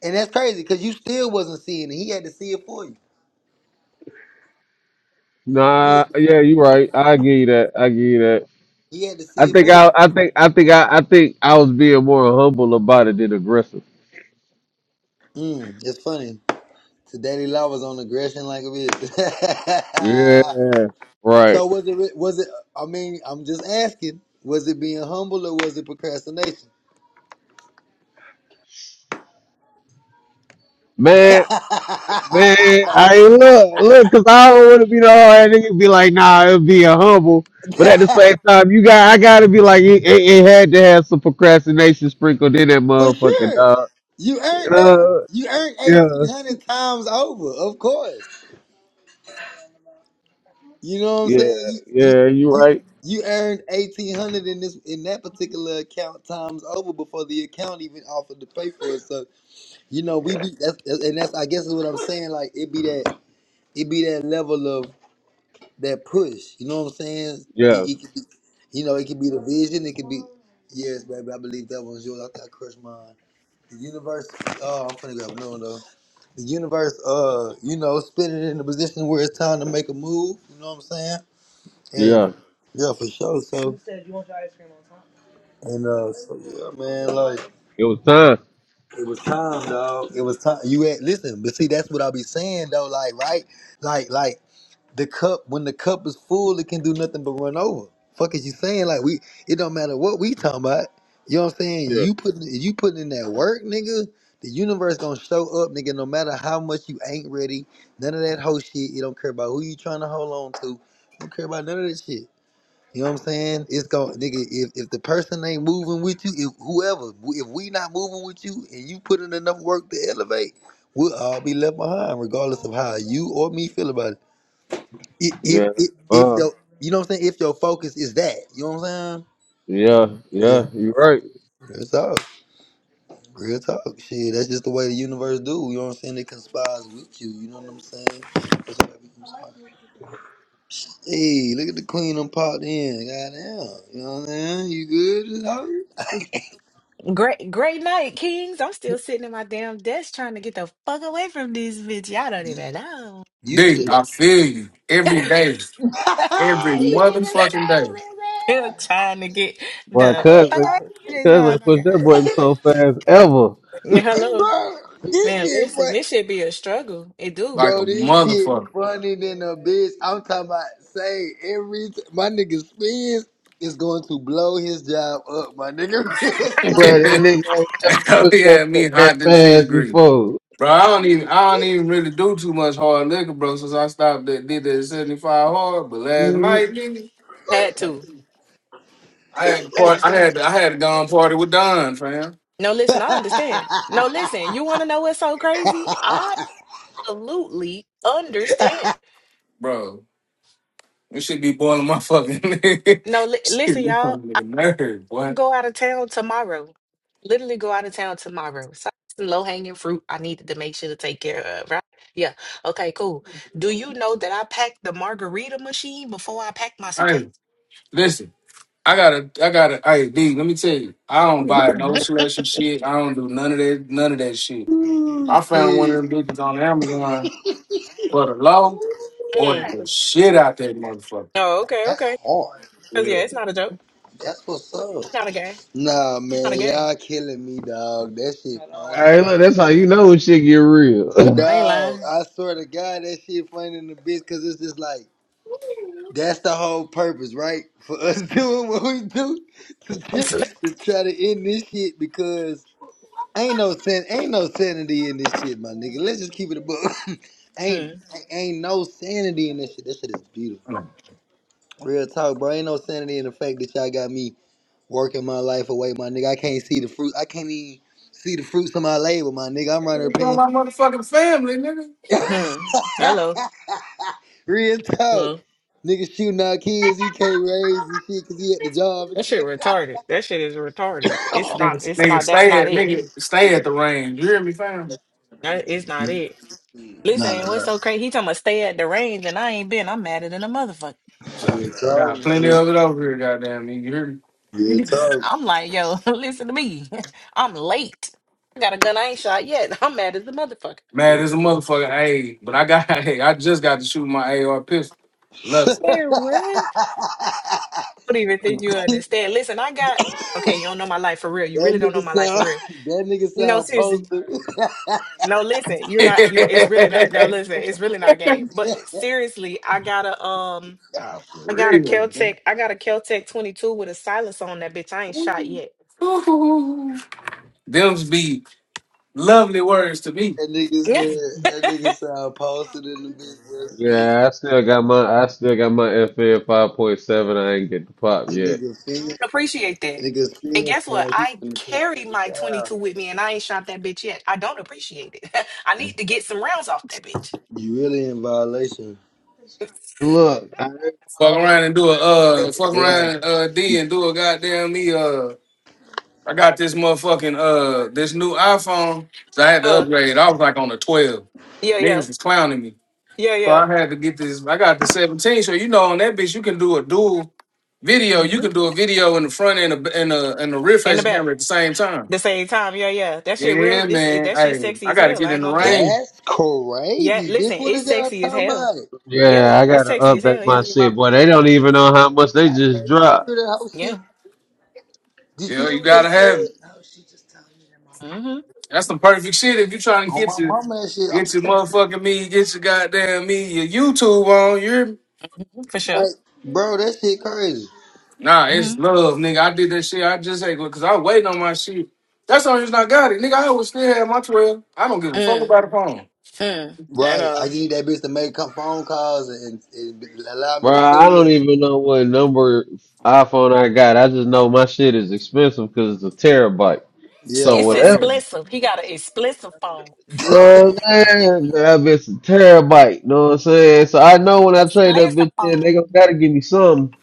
S1: And that's crazy because you still wasn't seeing it. He had to see it for you. He had,
S2: Nah, yeah, you're right. I give you that. I give you that.
S1: he had to
S2: I
S1: see it
S2: think
S1: for you.
S2: I, I think, I think I, I think I was being more humble about it than aggressive.
S1: Mm, it's funny. Today they Love was on aggression like a bitch.
S2: Yeah, right,
S1: so was it re- was it I mean, I'm just asking, was it being humble or was it procrastination?
S2: man, man. I ain't look, look, cause I don't want to be the hard nigga. Be like, nah, it'll be a humble. But at the same time, you got, I gotta be like, it, it, it had to have some procrastination sprinkled in that
S1: For
S2: motherfucking
S1: sure.
S2: dog.
S1: You earned that.
S2: Uh,
S1: You earned
S2: yeah,
S1: eighteen hundred times over, of course. You know what I'm
S2: yeah,
S1: saying? You you
S2: yeah. You
S1: you
S2: right.
S1: you earned eighteen hundred in this in that particular account times over before the account even offered to pay for it. So you know we be that's that's- and that's I guess is what I'm saying. Like it be that it be that level of that push. You know what I'm saying? It,
S2: Yeah,
S1: it could be, you know it could be the vision. It could be yes, baby. I believe that one's yours. I, I crushed mine. The universe. Oh, I'm finna grab another one though. the universe, uh, you know, spinning in a position where it's time to make a move. You know what I'm saying? And
S2: yeah.
S1: yeah, for sure. So you said you want your ice cream on time. And uh, so yeah, man, like
S2: It was time.
S1: it was time, dog. It was time. You had listen, but see, that's what I be saying though. Like, right, like, like the cup when the cup is full, it can do nothing but run over. Fuck is you saying? Like we, it don't matter what we talking about. You know what I'm saying?
S2: Yeah.
S1: You putting you putting in that work, nigga. The universe gonna show up, nigga. No matter how much you ain't ready, none of that whole shit. You don't care about who you trying to hold on to. You Don't care about none of that shit. You know what I'm saying? It's going nigga. If, if the person ain't moving with you, if whoever, if we not moving with you, and you put in enough work to elevate, we'll all be left behind, regardless of how you or me feel about it if if
S2: Yeah.
S1: if if
S2: Uh.
S1: your you know what I'm saying, if your focus is that, you know what I'm
S2: Yeah.
S1: saying?
S2: Yeah.
S1: Yeah.
S2: You right.
S1: Real talk. Real talk. Shit, that's just the way the universe do. You know what I'm saying? It conspires with you. You know what I'm saying? That's why we conspire. Hey, look at the queen I'm popped in. Goddamn. You know what I'm saying? You good? Just how
S5: Great, great night, Kings. I'm still sitting at my damn desk trying to get the fuck away from this bitch. Y'all don't
S1: you?
S5: even know.
S1: You
S3: D,
S1: still at
S3: I feel you. Every day. Every motherfucking day.
S5: Still trying to get
S2: Boy,
S5: the
S2: cuz
S5: fuck
S2: they,
S5: away from this
S2: cuz they pushed that
S5: motherfucker.
S2: button so fast ever,
S5: Yeah,
S1: Hey,
S5: Hello,
S1: bro, this
S5: man.
S1: shit
S5: Listen,
S1: fun.
S5: this should be a struggle. It do
S3: Like a
S1: Bro, this shit
S3: motherfucker.
S1: funny than a bitch. I'm talking about say every t- my nigga Spence is going to blow his job up, my nigga.
S2: bro. That
S3: he
S2: nigga ain't never pushed that
S3: had me
S2: button that
S3: hot than fish
S2: fast
S3: grease.
S2: before.
S3: Bro, I don't even I don't even really do too much hard liquor, bro, since I stopped that did that 75 hard. But last
S1: Mm.
S3: night, nigga.
S5: had
S3: I
S5: to.
S3: had a
S5: I
S3: part. I
S5: understand.
S3: had I had a gone party with Don, fam.
S5: No, listen, I understand. No, listen. You want to know what's so crazy? I absolutely understand.
S3: Bro, this should be boiling my fucking shit.
S5: No, li-
S3: This
S5: listen,
S3: fucking
S5: y'all.
S3: nigga nerd, boy.
S5: Go out of town tomorrow. Literally go out of town tomorrow. So low hanging fruit I needed to make sure to take care of, right? Yeah. Okay, cool. Do you know that I packed the margarita machine before I packed my
S3: Hey,
S5: suitcase?
S3: listen. I gotta, I gotta. Hey, D, let me tell you. I don't buy no
S5: Mhm.
S3: selection shit. I don't do none of that, none of that shit. I found one of
S1: Shit,
S3: them bitches on Amazon for the low or
S5: Mm.
S3: the shit out that motherfucker.
S5: Oh, okay,
S1: that's
S5: okay.
S1: hard.
S5: 'Cause,
S3: Yeah.
S5: yeah, it's not a joke.
S1: That's what's up.
S5: It's not a game.
S1: Nah,
S5: Not
S1: man,
S5: a game.
S1: y'all killing me, dog. That shit
S2: All
S1: funny,
S2: right, look, that's how you know when shit get real.
S5: I ain't
S1: dog.
S5: lying.
S1: I swear to God, that shit funny in the bitch because it's just like that's the whole purpose, right? For us doing what we do to, to try to end this shit because ain't no sen- ain't no sanity in this shit, my nigga. Let's just keep it a book. ain't
S5: hmm.
S1: ain't no sanity in this shit. This shit is beautiful.
S3: Mm.
S1: Real talk, bro. Ain't no sanity in the fact that y'all got me working my life away, my nigga. I can't see the fruit. I can't even see the fruits of my labor, my nigga. I'm running
S3: Nigga, It's
S1: paying.
S3: my motherfucking family, nigga.
S5: Hmm. Hello.
S1: Real talk.
S5: Hello.
S1: Nigga shooting our kids, he can't raise and shit because he at the job and
S5: That shit
S1: shit.
S5: retarded. That shit is retarded. It's not.
S3: Nigga,
S5: It's
S3: nigga,
S5: not. That's
S3: stay
S5: not
S3: at,
S5: it.
S3: nigga, stay at the range. You hear me, fam?
S5: That is not it.
S1: Nah, nah,
S5: Listen, what's so
S1: nah.
S5: crazy? He talking about stay at the range and I ain't been. I'm madder than a motherfucker.
S1: Real
S3: So I
S1: talk,
S3: got plenty
S1: man.
S3: of it over here, goddamn me. You hear me?
S1: Real talk.
S5: I'm like, yo, listen to me. I'm late. I got a gun I ain't shot yet. I'm mad as a motherfucker.
S3: Mad as a motherfucker, hey, but I got hey, I just got to shoot my AR pistol. Loves it.
S5: Man, what? I don't even think you understand. Listen, I got okay, you don't know my life for real. You
S1: that
S5: really don't
S1: nigga
S5: know my life for
S1: sound,
S5: real.
S1: that nigga
S5: No,
S1: sound
S5: seriously.
S1: posted.
S5: No, listen, you're not you it's really not no listen, it's really not a game. But seriously, I got a um
S3: nah, for
S5: I got a
S3: real. man.
S5: Keltec, I got a Keltec 22 with a silence on that bitch. I ain't shot yet.
S3: Ooh. Them's be lovely words to me.
S1: That nigga said, that nigga said I posted in the bitch.
S2: yeah, I still got my, I still got my FL five point seven. I ain't get the pop
S1: That
S2: yet.
S1: nigga feel,
S5: appreciate that.
S1: nigga
S5: And
S1: feel
S5: guess
S1: sound
S5: what?
S1: like he
S5: I
S1: finna take
S5: carry my
S1: you down.
S5: 22 with me and I ain't shot that bitch yet. I don't appreciate it. I need to get some rounds off that bitch.
S1: You really in violation.
S2: Look, I ain't
S3: Fuck around and do a uh fuck
S1: Yeah.
S3: around uh D and do a goddamn me uh I got this motherfucking uh this new iPhone. So I had to
S5: Uh,
S3: upgrade. I was like on the 12.
S5: yeah, yeah.
S3: Niggas was clowning me.
S5: Yeah,
S3: So I
S5: yeah.
S3: had to get this. I got the 17. So you know, on that bitch, you can do a dual video. You
S5: hmm
S3: can do a video in the front and a and a and a rear
S5: In the
S3: facing camera
S5: back.
S3: at the same time.
S5: The same time, yeah, yeah. That shit real.
S3: Yeah,
S5: This is
S3: man.
S5: that shit
S3: Hey,
S5: sexy
S3: I
S5: as
S3: gotta
S5: hell.
S3: get
S5: I ain't
S3: in the
S5: gonna cap.
S3: rain.
S1: That's
S5: Yeah,
S1: crazy, bitch.
S5: listen,
S1: What
S5: it's
S1: is y'all
S5: sexy as
S1: talking
S5: hell.
S1: about?
S5: Yeah,
S2: yeah, I
S5: it's
S2: gotta
S5: sexy as
S2: update
S5: hell,
S1: I
S2: my
S5: yeah.
S1: mean, my
S2: shit, boy. They don't even know how much they
S1: got
S2: just
S1: crazy. Did you
S2: dropped.
S1: hear that whole shit?
S5: Yeah.
S3: You
S1: Did you
S3: know,
S1: hear
S3: you
S1: what they
S3: gotta have it.
S1: said?
S5: hmm
S3: That's some perfect shit if you trying to
S1: On
S3: get
S1: my
S3: your
S1: mama, that shit. I'm
S3: get your
S1: telling
S3: motherfucking me, get your goddamn me, your YouTube on. You hear me?
S5: For
S1: you,
S5: sure.
S1: like, bro, that shit crazy.
S3: Nah, it's
S5: Mm-hmm.
S3: love, nigga. I did that shit. I just ain't because I waiting on my shit. That's the only reason I got it, nigga. I would still have my twelve. I don't give a fuck
S5: Mm.
S3: about a phone.
S5: Mm. At
S1: Right. I
S5: all.
S1: just need that bitch to make co- phone calls and, and allow me
S2: Bro,
S1: to tell
S2: I
S1: you.
S2: don't even know what number iPhone I got. I just know my shit is expensive because it's a terabyte.
S5: It's
S2: So
S1: Yeah.
S5: it's
S3: Oh
S2: whatever,
S3: yeah,
S5: He got an explosive phone.
S2: you know what I'm saying? That bitch a terabyte. You know what I'm saying? So I know when I trade that bitch
S5: Explosive
S2: in, they gonna
S5: phone.
S2: gotta give me some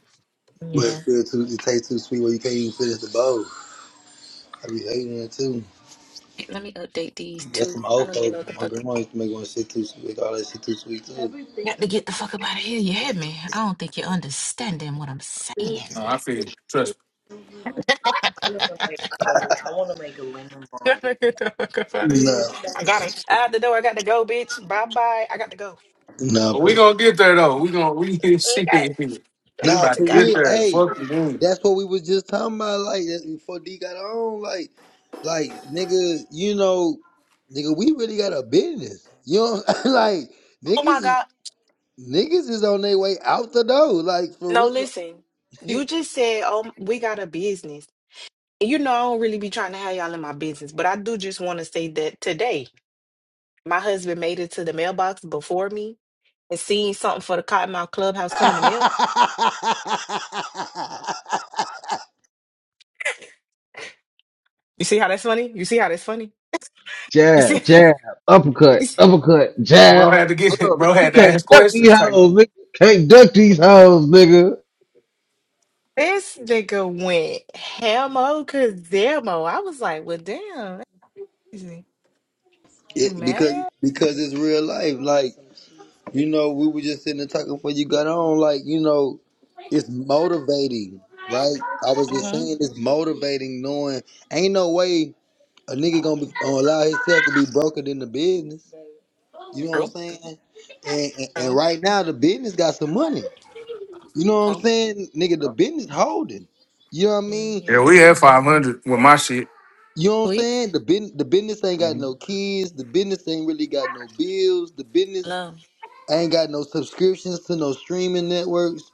S1: But it's still too, it tastes too sweet where you can't even finish the bowl. I be hating it too.
S5: Let me update these
S1: That's
S5: two.
S1: some
S5: I
S1: old
S5: don't even
S1: folks.
S5: know what the
S1: My
S5: fuck.
S1: grandma used to make one shit too sweet. Make all that shit too sweet too. Everything.
S5: Got to get the fuck up out of here. You hear me? I don't think you're understanding what I'm saying.
S3: no, I feel you. Trust me.
S5: Gotta get the fuck up out of here.
S1: No,
S5: I gotta out the door. I got to go, bitch. Bye bye. I got to go.
S1: no,
S3: But we
S1: for,
S3: gonna get there though. We gonna we get shit.
S5: Okay. I
S3: We
S1: no,
S5: got
S3: about
S5: to
S1: for
S3: to get
S1: real.
S5: go.
S3: there.
S1: Hey,
S3: Fuck the game.
S1: that's what we was just talking about. Like that's before D got on. Like, like nigga, you know, nigga, we really got a business. You know, what I'm- like
S5: Oh
S1: niggas,
S5: my
S1: is-
S5: God.
S1: niggas is on their way out the door. Like for
S5: No,
S1: real.
S5: listen. You just said, oh, we got a business. And You know, I don't really be trying to have y'all in my business, but I do just want to say that today, my husband made it to the mailbox before me and seen something for the Cottonmouth Clubhouse coming to mail. You see how that's funny? You see how that's funny? You see,
S2: jab, jab,
S5: you
S2: uppercut,
S5: see-
S2: uppercut, jab.
S3: Bro had to get
S2: Oh, man,
S3: bro
S2: you
S3: had to
S2: can't
S3: ask
S2: duck these
S3: questions type
S2: hoes,
S3: thing.
S2: nigga. Can't duck these hoes, nigga.
S5: this nigga went hamo cause I was like, well, damn, that's easy. You
S1: It, because
S5: mad?
S1: because it's real life. Like you know, we were just sitting there talking before you got on. Like you know, it's motivating, right? I was just
S5: Mm-hmm.
S1: saying it's motivating, knowing ain't no way a nigga gonna, be, gonna allow himself to be broken in the business. You know what I'm
S5: True.
S1: saying? And, and and
S5: True.
S1: right now the business got some money. You know what I'm
S5: Oh.
S1: saying, nigga? The business holding. You know what I mean?
S3: Yeah,
S5: Mm-hmm.
S3: we had
S5: hmm
S3: five hundred with my shit.
S1: You know what I'm
S5: Week.
S1: saying? The bin, the business ain't got
S3: Mhm.
S1: no kids. The business ain't really got no bills. The business
S5: Hello.
S1: I ain't got no subscriptions to no streaming networks.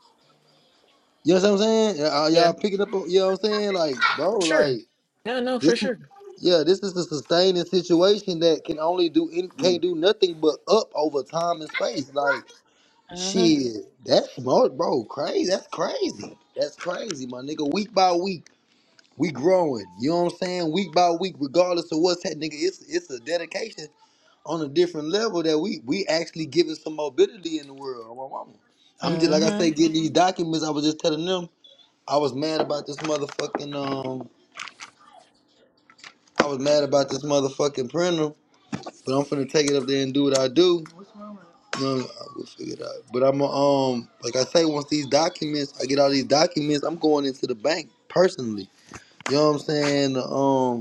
S1: You know what I'm saying? Y'all y'all
S5: Yeah.
S1: picking up, on- you know what I'm saying? Like, bro,
S5: For
S1: like
S5: sure. No, no, for
S1: this,
S5: sure.
S1: yeah, this is a sustaining situation that can only do in- can't do nothing but up over time and space. Like,
S5: Mm-hmm.
S1: shit, that's smart, bro. Crazy, that's crazy, that's crazy, my nigga. Week by week, we growing. You know what I'm saying? Week by week, regardless of what's happening, nigga, it's it's a dedication on a different level that we we actually giving some mobility in the world. Oh, My mama. I'm just like I say,
S5: Mm-hmm.
S1: getting these documents. I was just telling them I was mad about this motherfucking um. I was mad about this motherfucking printer, but I'm finna take it up there and do what I do. What's wrong with it? No, I will figure it out. But I'm a, um, like I say, once these documents, I get all these documents. I'm going into the bank personally. You know what I'm saying? Um,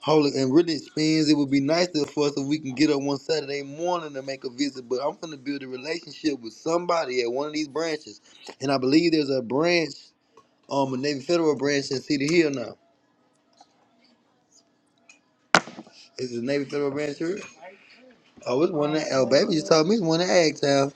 S1: Holy and really, spins. It would be nice if for us if we can get up one Saturday morning to make a visit. But I'm gonna build a relationship with somebody at one of these branches, and I believe there's a branch, um, a Navy Federal branch in Cedar Hill now. Is the Navy Federal branch here? Oh, it's one in oh, baby just told me it's one in Agtown.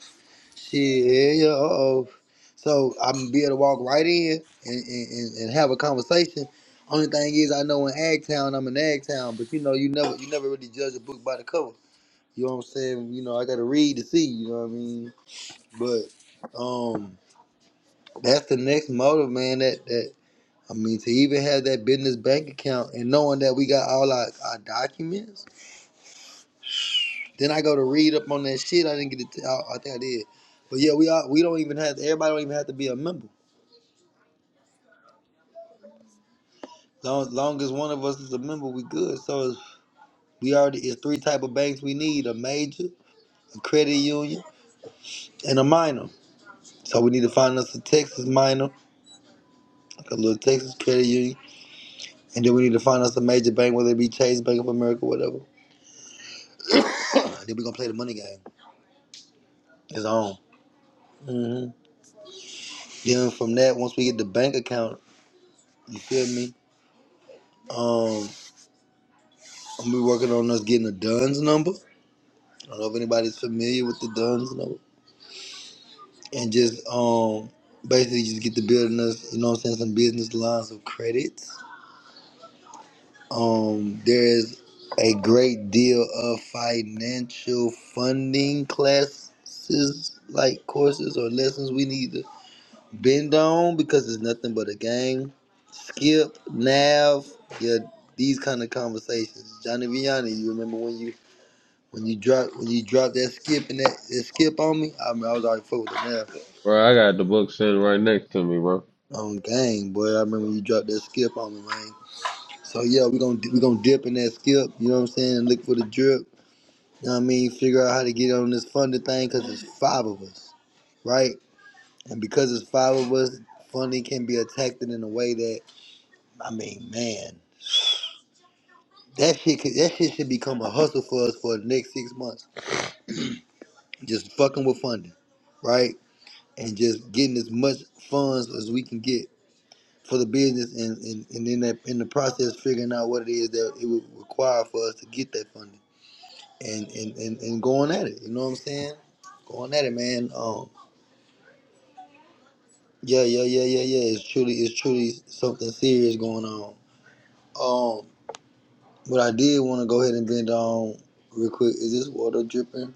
S1: Shit, yeah, uh oh. So I'm gonna be able to walk right in and, and, and and have a conversation. Only thing is, I know in Agtown, I'm in Agtown, but you know, you never you never really judge a book by the cover. You know what I'm saying? You know, I gotta read to see, you know what I mean? But um that's the next motive, man, that that I mean to even have that business bank account and knowing that we got all our, our documents, then I go to read up on that shit. I didn't get it. to- I I think I did, but yeah, we are. We don't even have everybody don't even have to be a member. Long, long as one of us is a member, we good. So it's, we already it's three type of banks we need: a major, a credit union, and a minor. So we need to find us a Texas minor, like a little Texas credit union And then we need to find us a major bank, whether it be Chase, Bank of America, whatever. then we're gonna play the money game. It's on. hmm Then from that, once we get the bank account, you feel me? Um, I'm gonna be working on us getting a Duns number. I don't know if anybody's familiar with the Duns number. And just um basically just get to building us, you know what I'm saying, some business lines of credit. Um, there is a great deal of financial funding classes like courses or lessons we need to Bend on because it's nothing but a game. Skip, Nav, yeah, these kind of conversations. Johnny Vianney, you remember when you when you dropped when you dropped that skip and that, that skip on me? I mean, I was already full with the Nav
S2: Bro, I got the book sitting right next to me,
S1: on gang, boy. I remember when you dropped that skip on me, man. So yeah, we gonna we gonna dip in that skip. You know what I'm saying? Look for the drip. You know what I mean? Figure out how to get on this funding thing because it's five of us, right? And because it's five of us, funding can be attacked in a way that I mean, man. That shit, could- that shit should become a hustle for us for the next six months. Just fucking with funding, right? And just getting as much funds as we can get for the business, and and, and in that in the process figuring out what it is that it would require for us to get that funding, and and and, and going at it. You know what I'm saying? Going at it, man. Um, yeah, yeah, yeah, yeah, yeah. It's truly, it's truly something serious going on. Um, what I did want to go ahead and bend on real quick is this water dripping?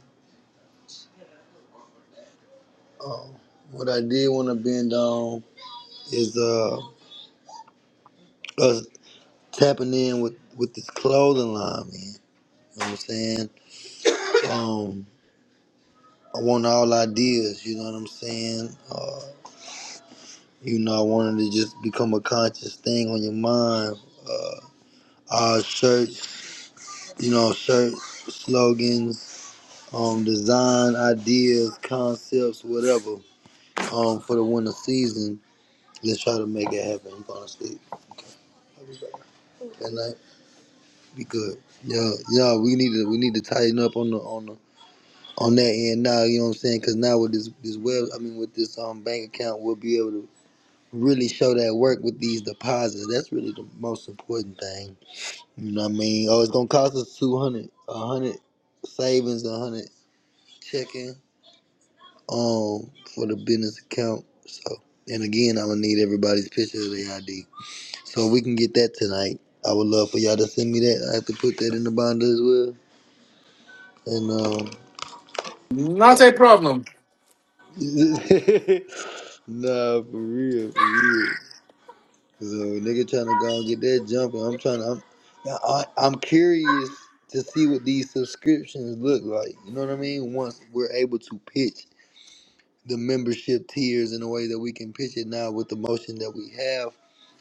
S1: Uh, what I did want to bend on is uh, us tapping in with, with this clothing line, man. You know what I'm saying? Um, I want all ideas, you know what I'm saying? Uh, you know, I wanted to just become a conscious thing on your mind. Uh, our shirts, you know, shirts, slogans, um, design ideas, concepts, whatever. Um, for the winter season, let's try to make it happen. I'm gonna sleep. Good night. Be good. Yeah, yeah. We need to we need to tighten up on the on the on that end now. You know what I'm saying? Because now with this this web, I mean with this um bank account, we'll be able to really show that work with these deposits. That's really the most important thing. You know what I mean? Oh, it's gonna cost us two hundred, a hundred savings, a hundred checking um for the business account. So and again, I'm gonna need everybody's picture of their ID. So if we can get that tonight. I would love for y'all to send me that. I have to put that in the binder as well. And um,
S3: Not a problem.
S1: nah, for real, for real. So nigga trying to go and get that jumper. I'm trying to. I'm, I, I'm curious to see what these subscriptions look like. You know what I mean? Once we're able to pitch the membership tiers in a way that we can pitch it now with the motion that we have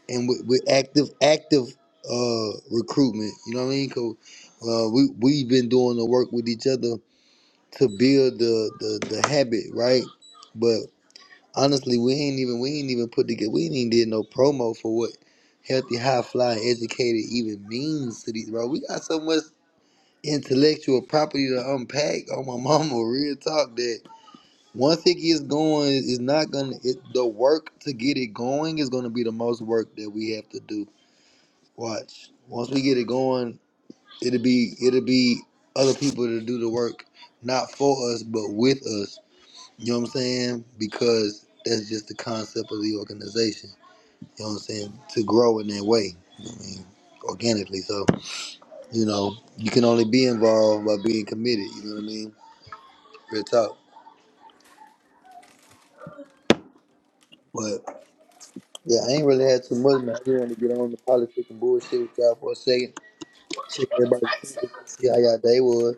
S1: and with, with active active uh recruitment. You know what I mean? Cause uh, we we've been doing the work with each other to build the the, the habit, right? Honestly, we ain't even we ain't even put together. We ain't even did no promo for what healthy, high flying, educated even means to these bro. We got so much intellectual property to unpack. Oh my mama, real talk. That once it gets going, it's not gonna. It, the work to get it going is gonna be the most work that we have to do. Watch. Once we get it going, it'll be it'll be other people to do the work, not for us but with us. You know what I'm saying? Because that's just the concept of the organization. You know what I'm saying? To grow in that way. You know what I mean? Organically. So, you know, you can only be involved by being committed, you know what I mean? Real talk. But yeah, I ain't really had too much man. I just wanted to get on the politics and bullshit with y'all for a second. Check everybody's temperature, see how y'all day was.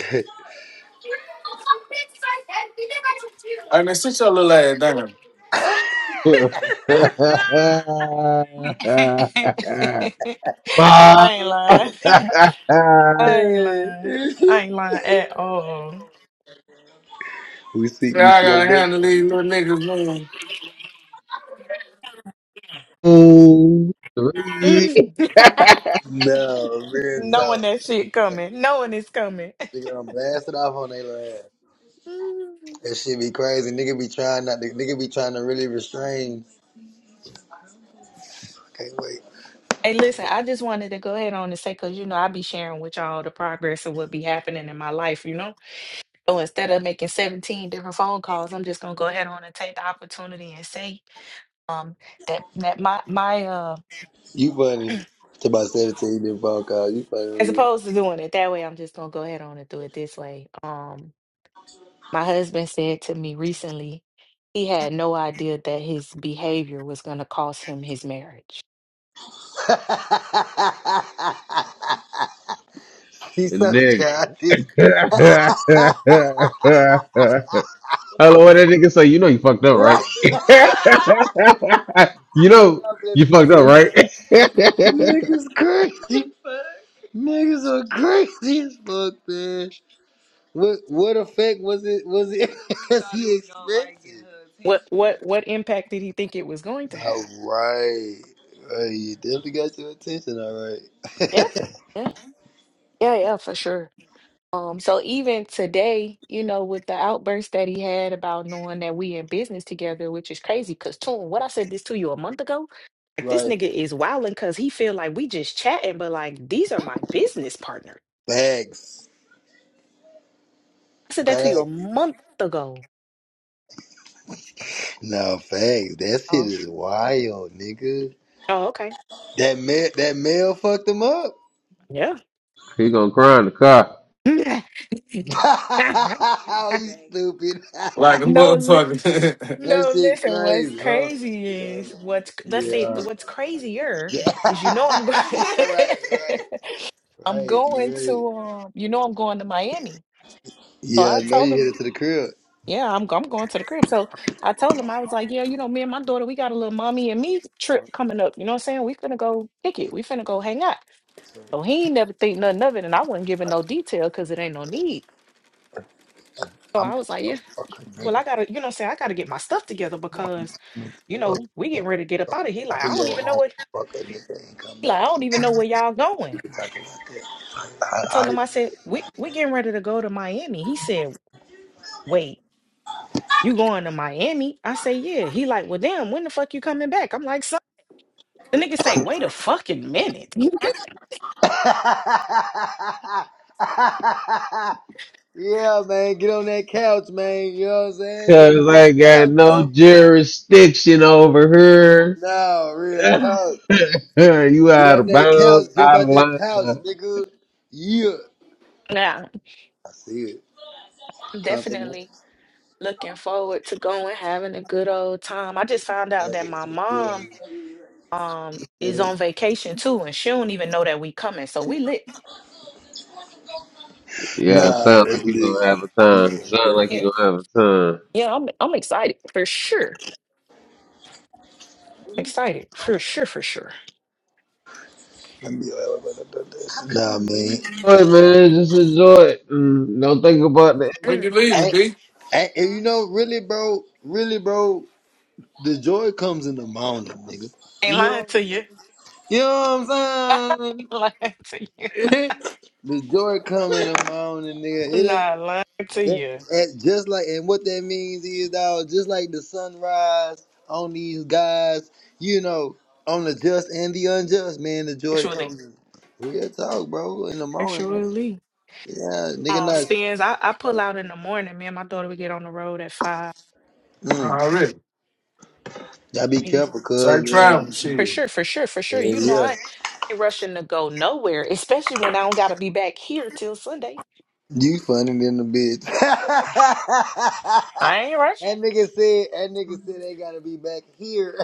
S3: I mean, sit your little ass down.
S2: bro.
S5: I
S2: Five,
S5: ain't lying. I ain't
S1: Hey.
S5: lying. I ain't lying at all.
S1: we see
S3: Say
S1: we
S3: I
S1: see how the
S3: gotta
S1: day.
S3: handle
S1: goes.
S3: these little niggas man,
S2: two, three.
S1: No, real
S5: knowing
S1: talk.
S5: that shit coming, knowing it's coming.
S1: Nigga, I'm blasted off on their line. That shit be crazy. Nigga be trying not to, nigga be trying to really restrain. I can't wait.
S5: Hey, listen, I just wanted to go ahead on and say, because, you know, I be sharing with y'all the progress of what be happening in my life, you know? So instead of making 17 different phone calls, I'm just going to go ahead on and take the opportunity and say um, that, that my, my uh,
S1: You funny. To about 17, you did phone call. You
S5: as
S1: funny.
S5: opposed to doing it that way, I'm just going to go ahead on and do it this way. Um, my husband said to me recently, he had no idea that his behavior was going to cost him his marriage.
S1: He's so
S2: Nigga.
S1: childish.
S2: Hello, what that nigga say? You know you fucked up,
S1: Right.
S2: right?
S1: I
S2: you know
S1: bet
S2: you
S1: the
S2: fucked up,
S1: truth.
S2: right?
S1: Niggas crazy. Niggas are crazy as fuck, man. What what effect was it was it as he expected?
S5: What, what, what impact did he think it was going to
S1: All
S5: have?
S1: right. Hey, you definitely got your attention, all right.
S5: Yeah, yeah, yeah, yeah, for sure. Um, so even today, you know, with the outburst that he had about knowing that we in business together, which is crazy, cause Toon, what I said this to you a month ago, like this
S1: right.
S5: nigga is wilding cause he feel like we just chatting, but like these are my business partner.
S1: Facts.
S5: I said that to you a
S1: Facts.
S5: month ago.
S1: No, facts. That shit
S5: Oh,
S1: is wild, nigga.
S5: oh, okay,
S1: That man that male fucked him up.
S5: yeah.
S2: he gonna cry in the car.
S1: oh, you stupid.
S3: like a
S5: no, li-
S3: motherfucker.
S1: that
S5: no,
S1: shit
S5: listen. What's
S1: crazy, huh?
S5: crazy is what's let's say
S1: Yeah.
S5: what's crazier
S1: Yeah.
S5: is you know I'm going.
S1: right, right.
S5: I'm
S1: Right, you
S5: going
S1: right.
S5: to, um, you know, I'm going to Miami. So
S1: Yeah,
S5: I
S1: I know
S5: told
S1: you
S5: him,
S1: headed to the crib.
S5: yeah, I'm I'm going to the crib. So I told him, I was like, yeah, you know, me and my daughter, we got a little mommy and me trip coming up. You know what I'm saying? We finna go kick it. We finna go hang out. So he ain't never think nothing of it, and I wasn't giving no detail because it ain't no need. So
S1: I'm
S5: I was like,
S1: a
S5: yeah,
S1: fucking
S5: well, I gotta, you know, what I'm saying I gotta get my stuff together because, you
S1: nigga.
S5: know, we getting ready to get up out of here. He
S1: I
S5: Like
S1: can
S5: I don't
S1: go
S5: even know
S1: home,
S5: what,
S1: fuck a nigga, and come
S5: he
S1: back
S5: like I don't even know where y'all going.
S1: to talking about
S5: I told
S1: that.
S5: him, I said, we we getting ready to go to Miami. He said, wait. You going to Miami? I say, yeah. He like, well, damn, when the fuck you coming back? I'm like, son. The nigga say, wait a fucking minute.
S1: I, I... yeah, man, get on that couch, man. You know what I'm saying? Jump
S2: Cause
S1: out
S2: I
S1: that
S2: got
S1: couch, man.
S2: no jurisdiction over her.
S1: No, real talk.
S2: you
S1: Get
S2: out
S1: on
S2: of
S1: that
S2: bounds,
S1: couch, jump
S2: out of
S1: out that
S2: line.
S1: couch, nigga. Yeah,
S5: Nah,
S1: I see it.
S5: I'm
S1: Compliment.
S5: definitely looking forward to going, having a good old time. I just
S1: I
S5: found out
S1: love
S5: that
S1: it.
S5: my
S1: It's
S5: mom
S1: good.
S5: um is on vacation too, and she don't even know that we coming. So we lit.
S2: Yeah,
S1: Nah,
S2: sound like
S1: that's
S2: you
S1: lit.
S2: gonna have a
S1: You
S2: time.
S1: know,
S2: Sound
S1: baby.
S2: like
S5: Yeah,
S2: you gonna have a time.
S5: yeah, I'm I'm excited for sure. Excited. For sure, for sure.
S1: I be all about that. Nah, man.
S2: Enjoy it, man. Just enjoy it. Mm, Don't think about that.
S3: when
S5: Mm.
S3: you leaving,
S1: And,
S3: D?
S1: and, and
S5: Huh?
S1: you know, really, bro, really, bro, the joy comes in the morning, nigga. You
S5: Ain't lying
S1: know,
S5: to you.
S1: you know what I'm
S5: Ain't lying to you.
S1: saying? the joy come in the morning, nigga. It
S5: I'm
S1: ain't
S5: not lying to
S1: that,
S5: you.
S1: that just like, and what that means is, dog, just like the sunrise on these guys, you know, on the just and the unjust, man. The joy
S5: Actually.
S1: comes in. Real talk, bro. In the morning, man.
S5: Actually,
S1: Yeah, nigga,
S5: uh,
S1: not.
S5: spins. I, I pull out in the morning. Me and my daughter, we get on the road at five.
S1: Mm,
S3: Already.
S1: y'all be
S5: Yeah,
S1: careful,
S3: So I
S1: cuz, man.
S3: travel
S5: For
S3: shit.
S5: sure, for sure, for sure.
S1: Yeah,
S5: You know,
S1: yeah.
S5: I, I ain't rushing to go nowhere, especially when I don't got to be back here till Sunday.
S1: You funny than the bitch. that
S5: I ain't rushing.
S1: nigga said that nigga said they gotta be back here.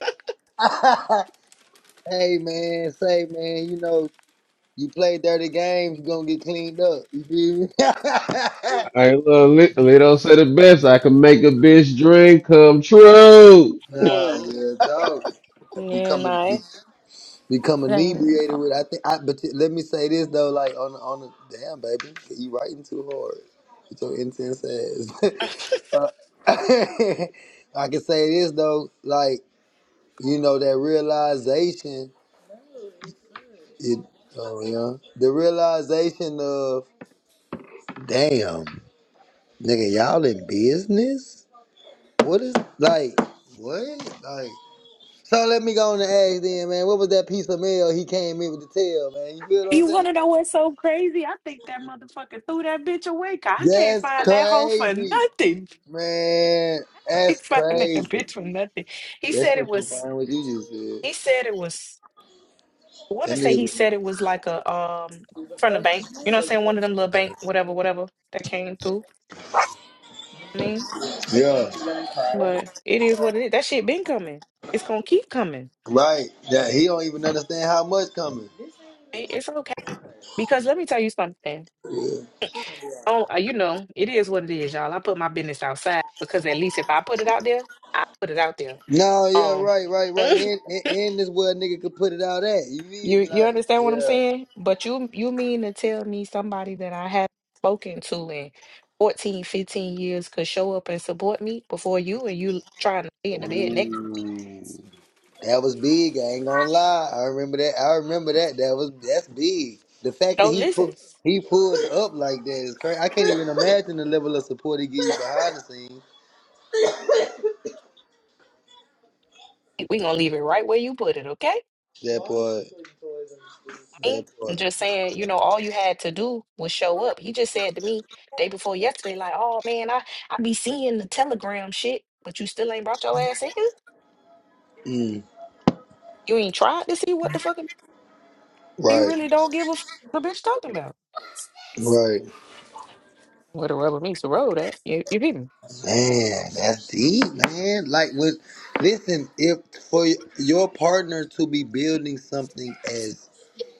S1: hey man, say man, you know, you play dirty games, you gonna get cleaned up. You feel me?
S2: I love it. Lito said it best. I can make a bitch dream come true.
S1: nah,
S5: Mm.
S1: real talk.
S5: Yeah,
S1: Becoming
S5: nah, I
S1: become
S5: I ain't,
S1: inebriated
S5: no.
S1: with. I think. I but t- let me say this though, like on the- on the damn baby, you writing too hard. With your intense ass. Uh, I can say this though, like you know that realization. It oh yeah, the realization of damn nigga, y'all in business. What is like what like? So let me go on and ask then, man. What was that piece of mail he came in with the tail, man? You feel what I'm
S5: You
S1: saying?
S5: want to know what's so crazy? I think that motherfucker threw that bitch away. 'cause I can't
S1: That's
S5: find that hoe for
S1: crazy,
S5: nothing.
S1: man.
S5: He
S1: That's
S5: find that
S1: crazy.
S5: bitch for nothing. He
S1: That's
S5: said it
S1: what
S5: was.
S1: confirm what you just said.
S5: He said it was. I want to
S1: That
S5: say he
S1: nigga,
S5: said it was like a um from the bank. You know what I'm saying? One of them little bank, whatever, whatever that came through. You know what I mean?
S1: yeah,
S5: But it is what it is. That shit been coming. It's gonna keep coming.
S1: right. That he don't even understand how much coming.
S5: It- It's okay. Because let me tell you something.
S1: Yeah.
S5: Oh, uh, you know, it is what it is, y'all. I put my business outside because at least if I put it out there, I put it out there.
S1: No, yeah,
S5: Um
S1: right, right, right. And, and and this where a nigga could put it out at. You feel
S5: You
S1: me?
S5: you
S1: Like,
S5: understand what I'm
S1: yeah.
S5: saying? But you you mean to tell me somebody that I haven't spoken to in 14 15 years could show up and support me before you and you trying to be in the bed next to me?
S1: Ooh. That was big. I ain't gonna lie. I remember that. I remember that. That was that's big. The fact that
S5: So
S1: he put
S5: listen,
S1: he pulled up like that is crazy. I can't even imagine the level of support he gives behind the scenes.
S5: we gonna leave it right where you put it, okay?
S1: That part.
S5: I
S1: That
S5: ain't- I'm
S1: part.
S5: just saying, you know, all you had to do was show up. He just said to me day before yesterday, like, oh man, I, I be seeing the telegram shit, but you still ain't brought your ass in here.
S1: Mm,
S5: You ain't tried to see what the fuck you
S1: right.
S5: really don't give a fuck the bitch talking about.
S1: Right.
S5: Where the rubber meets the road at. You, you didn't
S1: Man, that's deep, man. Like with listen, if for your partner to be building something as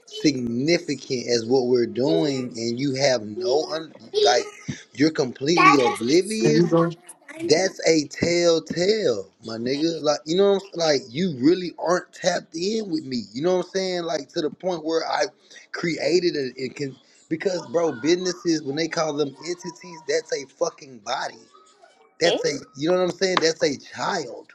S1: significant as what we're doing and you have no un- like you're completely
S3: Can
S1: oblivious
S3: you go?
S1: that's a telltale my nigga like you know what I'm, s- like you really aren't tapped in with me you know what i'm saying like to the point where i created a, it can because bro businesses when they call them entities that's a fucking body
S5: Hmm?
S1: that's a you know what i'm saying that's a child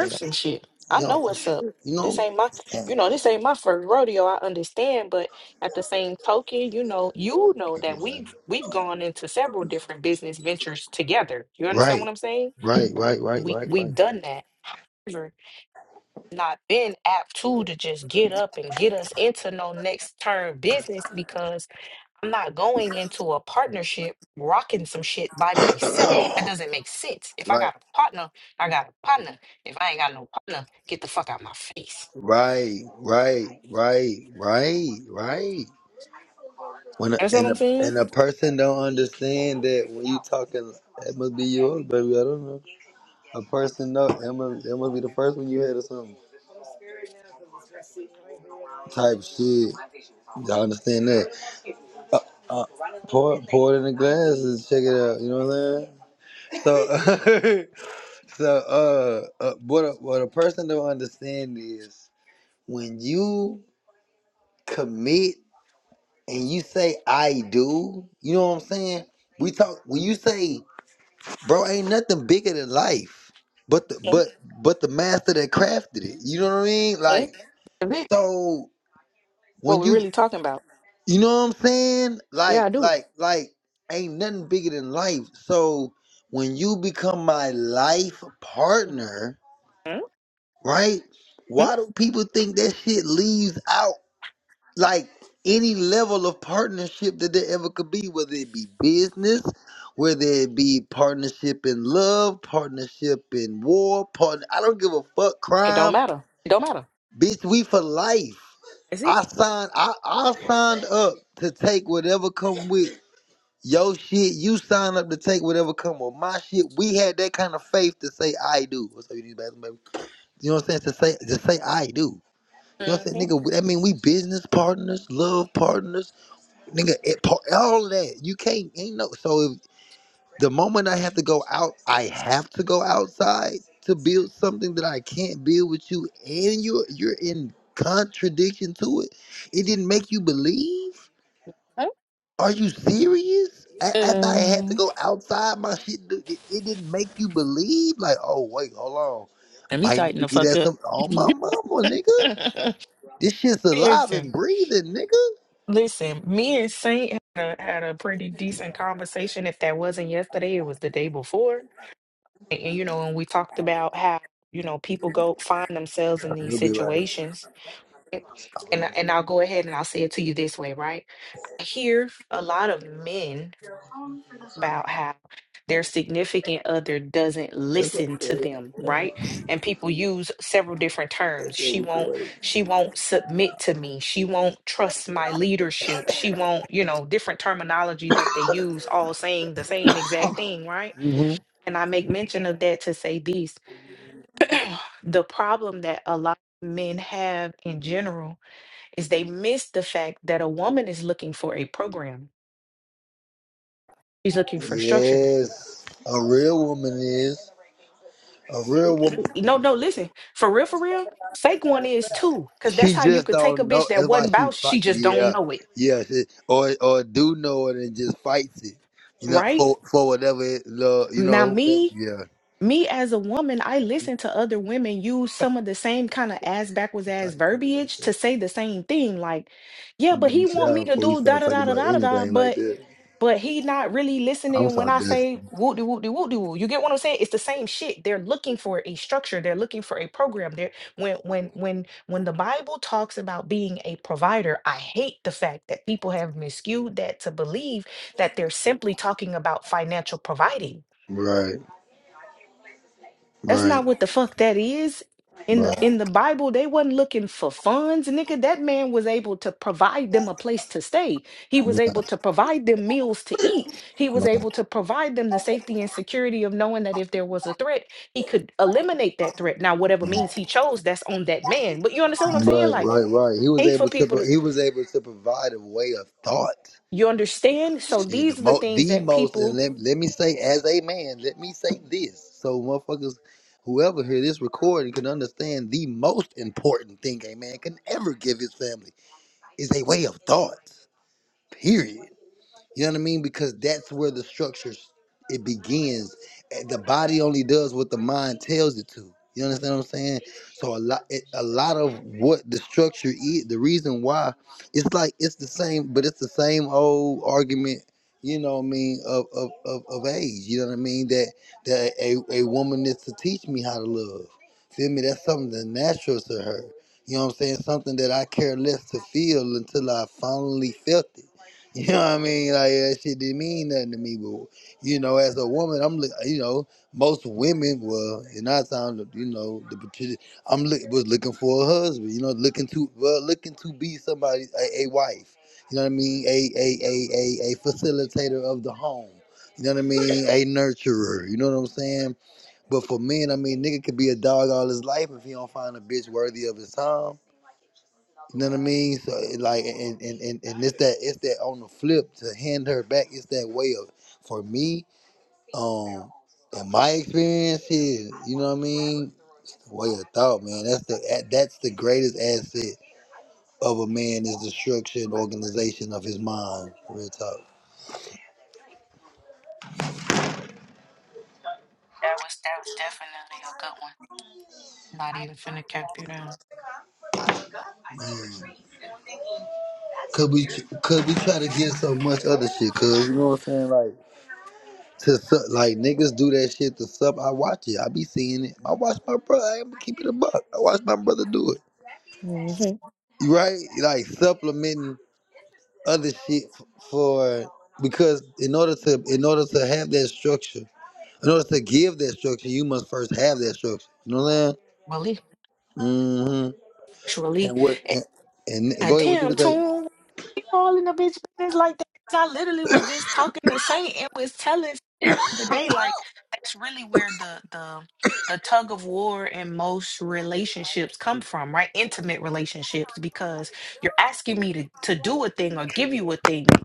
S1: you know,
S5: some shit. I
S1: you know
S5: know
S1: for
S5: what's up.
S1: sure you
S5: This
S1: know
S5: ain't my, you know,
S1: Exactly.
S5: this ain't my first rodeo. I understand, but at the same token, you know, you know that
S1: Exactly.
S5: we've we've gone into several different business ventures together. You understand
S1: Right,
S5: what I'm saying?
S1: right, right, right,
S5: We
S1: right, right.
S5: we've done that. However, Not been apt to to just get up and get us into no next term business because I'm not going into a partnership rocking some shit by myself. That doesn't make sense. If I
S1: right,
S5: got a partner, I got a partner. If I ain't got no partner, get the fuck out my face.
S1: right, right, right, right, right. When a,
S5: That's what
S1: and
S5: I'm
S1: a
S5: saying.
S1: and a person don't understand that when you talking, it must be yours, baby. I don't know. A person know it must, it must be the first one you had or something type shit. Y'all understand that. Uh, pour pour it in the glass and check it out. You know what I'm saying? So so uh, uh what a, what a person don't understand is when you commit and you say I do, you know what I'm saying? We talk when you say, bro, ain't nothing bigger than life. But the
S5: Mhm.
S1: but but the master that crafted it. You know what I mean?
S5: Mhm.
S1: Like
S5: Is it
S1: so
S5: what
S1: when
S5: we're
S1: you
S5: really talking about?
S1: you know what I'm saying?
S5: Yeah, I
S1: Like
S5: do.
S1: like like ain't nothing bigger than life. So when you become my life partner,
S5: Mhm.
S1: right? Why do people think that shit leaves out like any level of partnership that there ever could be, whether it be business, whether it be partnership in love, partnership in war, partner I don't give a fuck
S5: It don't
S1: crime.
S5: matter. It don't matter.
S1: Bitch, we for life.
S5: That's
S1: I
S5: it.
S1: signed I, I signed up to take whatever come with your shit. You signed up to take whatever come with my shit. We had that kind of faith to say I do. What's up, you need bathroom, baby? You know what I'm saying? To say to say I do. You know what I'm
S5: Mm-hmm.
S1: saying, nigga? That mean we business partners, love partners nigga, it, po- all that you can't ain't no. So if, the moment I have to go out, I have to go outside to build something that I can't build with you, and you are you're in contradiction to it. It didn't make you believe. Are you serious? A- After I had to
S5: Um,
S1: go outside, my shit, d- it it didn't make you believe. Like, oh wait, hold on,
S5: let me
S1: might need
S5: tighten
S1: to
S5: the
S1: get
S5: fuck
S1: at
S5: up.
S1: some. Oh my mama, nigga, this shit's alive
S5: listen,
S1: and breathing, nigga.
S5: listen. Me and Saint had a, had a pretty decent conversation. If that wasn't yesterday, it was the day before And, and, you know, and we talked about how, you know, people go find themselves in these
S1: He'll be right.
S5: situations. right? And I- and I'll go ahead and I'll say it to you this way, right? I hear a lot of men about how their significant other doesn't
S1: That's
S5: listen to
S1: okay.
S5: them, right? And people use several different terms. She won't she won't submit to me. She won't trust my leadership. She won't, you know, different terminology that they use all saying the same exact thing, right?
S1: hmm
S5: And I make mention of that to say this the problem that a lot of men have in general is they miss the fact that a woman is looking for a program. She's looking for structure.
S1: Yes, a real woman is a real woman.
S5: No, no, listen, for real, for real, fake one is too, because that's
S1: She
S5: how you
S1: just
S5: could take a
S1: don't know.
S5: bitch that
S1: That's why
S5: wasn't
S1: she
S5: about,
S1: fight.
S5: she just don't
S1: Yeah,
S5: know it,
S1: yeah. She, or or do know it and just fights it. You know,
S5: right?
S1: for for whatever it, lo- you
S5: Now,
S1: know, whatever.
S5: me,
S1: Yeah,
S5: me as a woman, I listen to other women use some of the same kind of ass backwards
S1: the
S5: ass
S1: type of people like
S5: verbiage to
S1: that.
S5: say the same thing, like, yeah, but
S1: Give me
S5: he
S1: a
S5: want
S1: shower
S5: me to
S1: before we
S5: do da
S1: start
S5: da
S1: talking
S5: da da
S1: about
S5: da da, da,
S1: anything like
S5: but
S1: that.
S5: but he not really
S1: I'm
S5: listening when
S1: so
S5: I
S1: desperate.
S5: say whoop de whoop de whoop de woo. You get what I'm saying? It's the same shit. They're looking for a structure. They're looking for a program. They're when when when when the Bible talks about being a provider, I hate the fact that people have miscued that to believe that they're simply talking about financial providing
S1: Right,
S5: that's
S1: right,
S5: not what the fuck that is. In the
S1: right,
S5: in the Bible, they wasn't looking for funds, nigga. That man was able to provide them a place to stay. He was able to provide them meals to eat. He was able to provide them the safety and security of knowing that if there was a threat, he could eliminate that threat. Now, whatever means he chose, that's on that man. But you understand what I'm saying?
S1: right,
S5: Like,
S1: right, right. He
S5: I
S1: was
S5: hate for
S1: able to.
S5: people to
S1: pro- He was able to provide a way of thought.
S5: you understand. So
S1: Yeah, the
S5: these are the
S1: most,
S5: things
S1: the
S5: that
S1: most, and
S5: people.
S1: let, let me say, as a man, let me say this, so motherfuckers, whoever hear this recording can understand the most important thing a man can ever give his family is a way of thought. Period. You know what I mean? Because that's where the structure it begins. Eh, The body only does what the mind tells it to. You understand what I'm saying? So a lot, it, a lot of what the structure is, the reason why, it's like it's the same, but it's the same old argument. You know what I mean of of, of, of age. You know what I mean that that a, a woman is to teach me how to love. Feel me? That's something that's natural to her. You know what I'm saying? Something that I care less to feel until I finally felt it. You know what I mean? Like that shit didn't mean nothing to me. But you know, as a woman, I'm look. You know, most women were and I sound you know the particular. I'm look, was looking for a husband. You know, looking to well, looking to be somebody a, a wife. You know what I mean? A a a a a facilitator of the home. You know what I mean? A nurturer. You know what I'm saying? But for men, I mean, nigga could be a dog all his life if he don't find a bitch worthy of his time. You know what I mean? So like and, and, and, and it's that it's that on the flip to hand her back, it's that way of for me, um in my experience is, you know what I mean, way of thought, man. That's the that's the greatest asset of a man is the structure and organization of his mind. Real talk.
S5: That was that was definitely a good one. Not even finna cap you down.
S1: Man. Could we could we try to get so much other shit, cuz you know what I'm saying? like. to suck. Like niggas do that shit to sup. I watch it. I be seeing it. I watch my brother. I'm going a buck. I watch my brother do it.
S5: hmm
S1: You Right? Like supplementing other shit f- for because in order to in order to have that structure, in order to give that structure, you must first have that structure. You know what
S5: Believe.
S1: I'm saying? hmm
S5: Actually,
S1: And what?
S5: eh,
S1: And, and
S5: ah,
S1: go ahead. What you
S5: damn,
S1: was saying?
S5: Tune, you all in the bitch business like that. 'Cause I literally was just talking to Saint and was telling the day like that's really where the the the tug of war in most relationships come from, right? Intimate relationships because you're asking me to to do a thing or give you a thing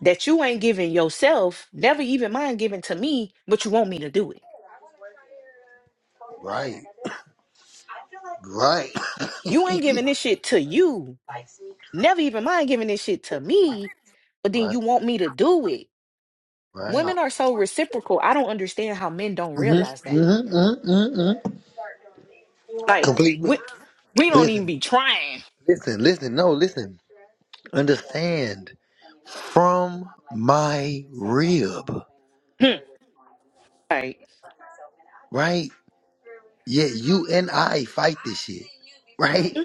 S5: that you ain't giving yourself, never even mind giving to me, but you want me to do it.
S1: Right. Right.
S5: You ain't giving this shit to you. Never even mind giving this shit to me, but then
S1: Right,
S5: you want me to do it
S1: right.
S5: Women are so reciprocal. I don't understand how men don't realize
S1: Mm-hmm,
S5: that.
S1: mm-hmm, mm-hmm, mm-hmm.
S5: Like
S1: Complete. mi-
S5: we we don't even
S1: Listen,
S5: be trying.
S1: listen, listen. No, listen. Understand from my rib,
S5: Hmm. like
S1: right? Yet you and I fight this shit, right?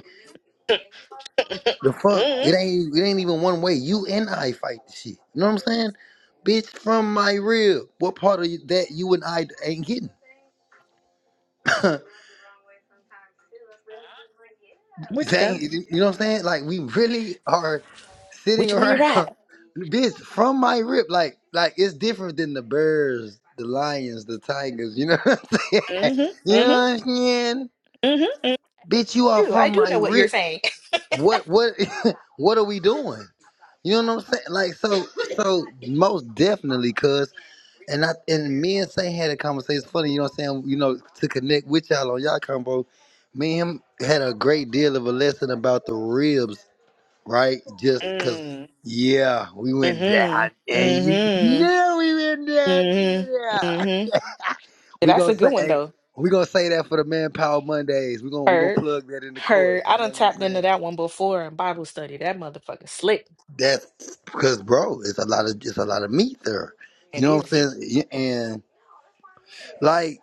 S1: The fuck? It
S5: mm-hmm.
S1: ain't it ain't even one way. You and I fight this shit. You know what I'm saying? Bitch from my rib. What part of you that you and I ain't getting?
S5: what you got?
S1: Dang, you know what I'm saying? Like we really are sitting
S5: Which one you right?
S1: around, bitch, from my rip. Like, like it's different than the bears, the lions, the tigers. You know what I'm saying?
S5: Mm-hmm.
S1: You know
S5: Mm-hmm.
S1: what I'm saying?
S5: Mm-hmm.
S1: Bitch, you are
S5: Do I
S1: from
S5: do
S1: my
S5: know what you're
S1: rip.
S5: saying.
S1: What, what, what are we doing? You know what I'm saying? Like, so, so most definitely, cuz, and I, and me and Saint had a conversation. Funny, you know what I'm saying? You know, to connect with y'all on y'all combo. Me and him had a great deal of a lesson about the ribs right? Just because,
S5: mm.
S1: yeah, we went down,
S5: Mm-hmm.
S1: and you
S5: Mm-hmm.
S1: know we went down.
S5: Mm-hmm.
S1: Yeah,
S5: Mm-hmm.
S1: we
S5: That's
S1: gonna
S5: a
S1: say,
S5: good one
S1: hey,
S5: though.
S1: we gonna say that for the Manpower Mondays. We gonna we gonna
S5: Heard.
S1: plug that in the course.
S5: Heard. I
S1: You know
S5: done
S1: what I'm
S5: tapped
S1: saying?
S5: into that one before in Bible study. That motherfucker slick.
S1: That's because, bro, it's a lot of it's a lot of meat there. You
S5: It
S1: know what I'm
S5: is.
S1: saying? Yeah, And like,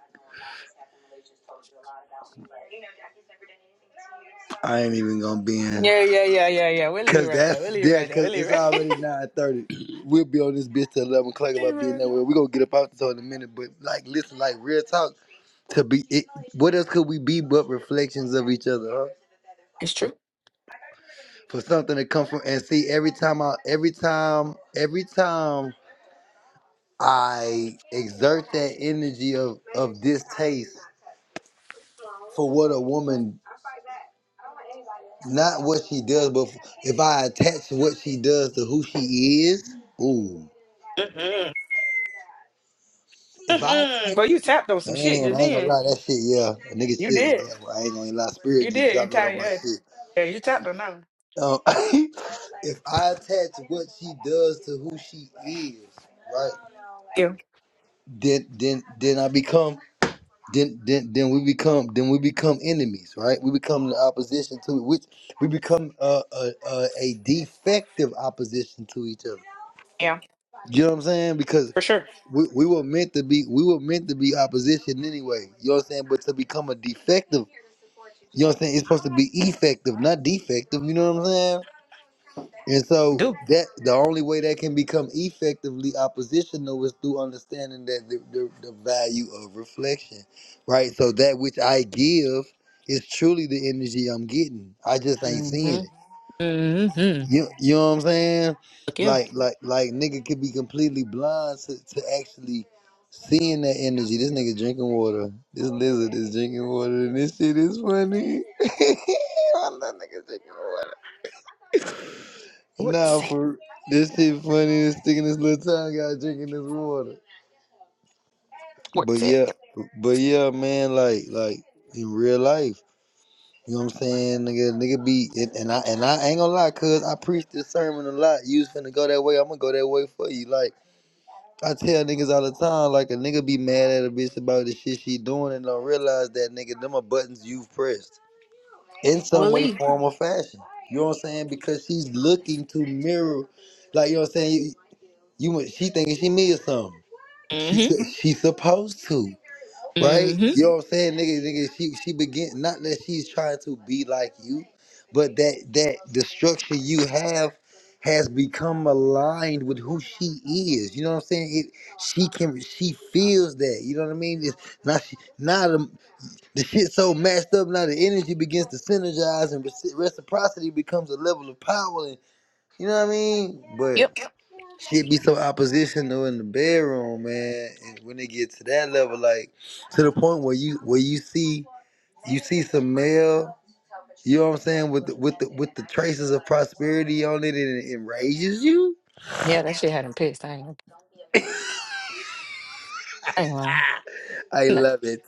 S1: I ain't even gonna be in.
S5: Yeah, yeah, yeah, yeah, yeah. We'll leave it
S1: Cause
S5: right there. We'll
S1: that's
S5: leave it
S1: there,
S5: right there.
S1: cause
S5: We'll leave
S1: it's
S5: it right
S1: already nine thirty. We'll be on this bitch till eleven o'clock about being
S5: It's
S1: nowhere. We gonna get up out this hole in a minute, but like, listen, like real talk. to be it, what else could we be but reflections of each other huh?
S5: true.
S1: for something to come from and see every time i every time every time i exert that energy of of distaste for what a woman not what she does but if i attach what she does to who she is ooh
S5: Mm-mm.
S1: if i
S5: Mm-mm.
S1: attach
S5: but you tapped on some shit
S1: man
S5: just
S1: i ain't gonna
S5: then.
S1: lie that shit yeah a nigga
S5: You
S1: chisels
S5: did.
S1: that one. i ain't gonna lie spirit
S5: You
S1: just
S5: did. You
S1: dropped that on
S5: tied your
S1: my
S5: head.
S1: shit
S5: Yeah, you tapped on that one.
S1: Um, if I attach what she does to who she is, right?
S5: Yeah,
S1: Then then then I become then then then we become then we become enemies, right? We become the opposition to which we become a a, a, a defective opposition to each other.
S5: yeah,
S1: You know what I'm saying? Because
S5: for sure.
S1: we, we were meant to be we were meant to be opposition anyway. You know what I'm saying? But to become a defective, you know what I'm saying? It's supposed to be effective, not defective. You know what I'm saying? And so
S5: Do.
S1: that the only way that can become effectively oppositional is through understanding that the, the, the value of reflection, right? So that which I give is truly the energy I'm getting. I just ain't seeing
S5: Mm-hmm.
S1: it.
S5: Mm-hmm.
S1: You you know what I'm saying?
S5: Look, yeah.
S1: Like like like nigga could be completely blind to, to actually seeing that energy. This nigga drinking water. This lizard is drinking water, and this shit is funny. I love niggas drinking water.
S5: What's
S1: Nah,
S5: it?
S1: for this shit funny and sticking this little tongue out drinking this water. But
S5: What's it?
S1: yeah, but yeah, man, like like in real life, you know what I'm saying, nigga, nigga be and, and I and I ain't gonna lie, cuz I preach this sermon a lot. You finna go that way, I'm gonna go that way for you. Like I tell niggas all the time, like a nigga be mad at a bitch about the shit she doing and don't realize that nigga, them are buttons you've pressed in some way,
S5: Willie.
S1: form, or fashion. You know what I'm saying? Because she's looking to mirror like you know what I'm saying? You wa- she thinking she me or something. She
S5: Mm-hmm.
S1: su- she supposed to, right?
S5: Mm-hmm.
S1: You know what I'm saying, nigga? Nigga, she she begin not that she's trying to be like you, but that that the structure you have has become aligned with who she is. You know what I'm saying? It, she can she feels that. You know what I mean? It's now she now the, the shit so matched up. Now the energy begins to synergize and reci- reciprocity becomes a level of power. And, you know what I mean? But.
S5: Yep.
S1: Shit be so oppositional in the bedroom, man. And when it gets to that level, like to the point where you where you see you see some male, you know what I'm saying, with the, with the with the traces of prosperity on it, and it enrages you.
S5: Yeah, that shit had him pissed. I ain't gonna. I ain't gonna. lie.
S1: I
S5: Not,
S1: love it.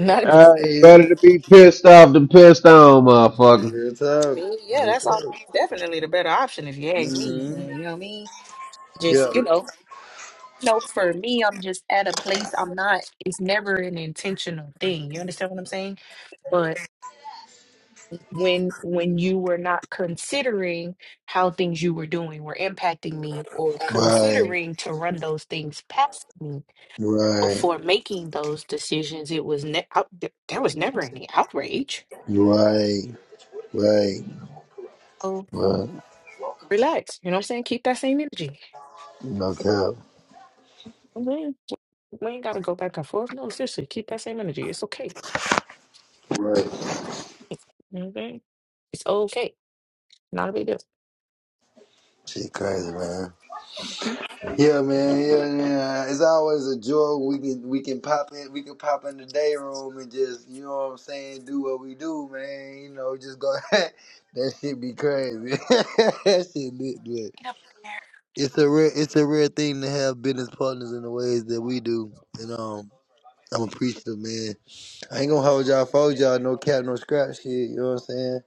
S5: not against
S2: I
S1: I
S2: better
S1: love
S2: to be pissed off than pissed on, motherfucker.
S1: real talk.
S5: me. Yeah,
S1: Real
S5: that's all.
S1: talk.
S5: Definitely the better option if you ask me. But
S1: Mm-hmm.
S5: you know what I mean? Just
S1: Yeah.
S5: you know. No, for me, I'm just at a place I'm not, it's never an intentional thing. You understand what I'm saying? But when when you were not considering how things you were doing were impacting me or
S1: Right.
S5: considering to run those things past me
S1: Right.
S5: before making those decisions, it was ne- out- th- there was never any outrage.
S1: Right. Right.
S5: Oh,
S1: Right.
S5: relax. You know what I'm saying? Keep that same energy.
S1: No cap.
S5: You know what I'm saying? We ain't gotta go back and forth. No, seriously, keep that same energy. It's okay.
S1: Right.
S5: You know what I'm saying? It's okay. Not a big
S1: Shit crazy, man.
S5: deal.
S1: Yeah, man. Yeah, yeah. It's always a joy. We can we can pop in. We can pop in the day room and just you know what I'm saying. Do what we do, man. You know, just go. that shit be crazy. that shit lit, but
S5: get up there.
S1: it's a rare it's a rare thing to have business partners in the ways that we do, and um. I'm appreciative, man. I ain't gonna hold y'all, fold y'all, no cap, no scrap shit. You know what I'm saying?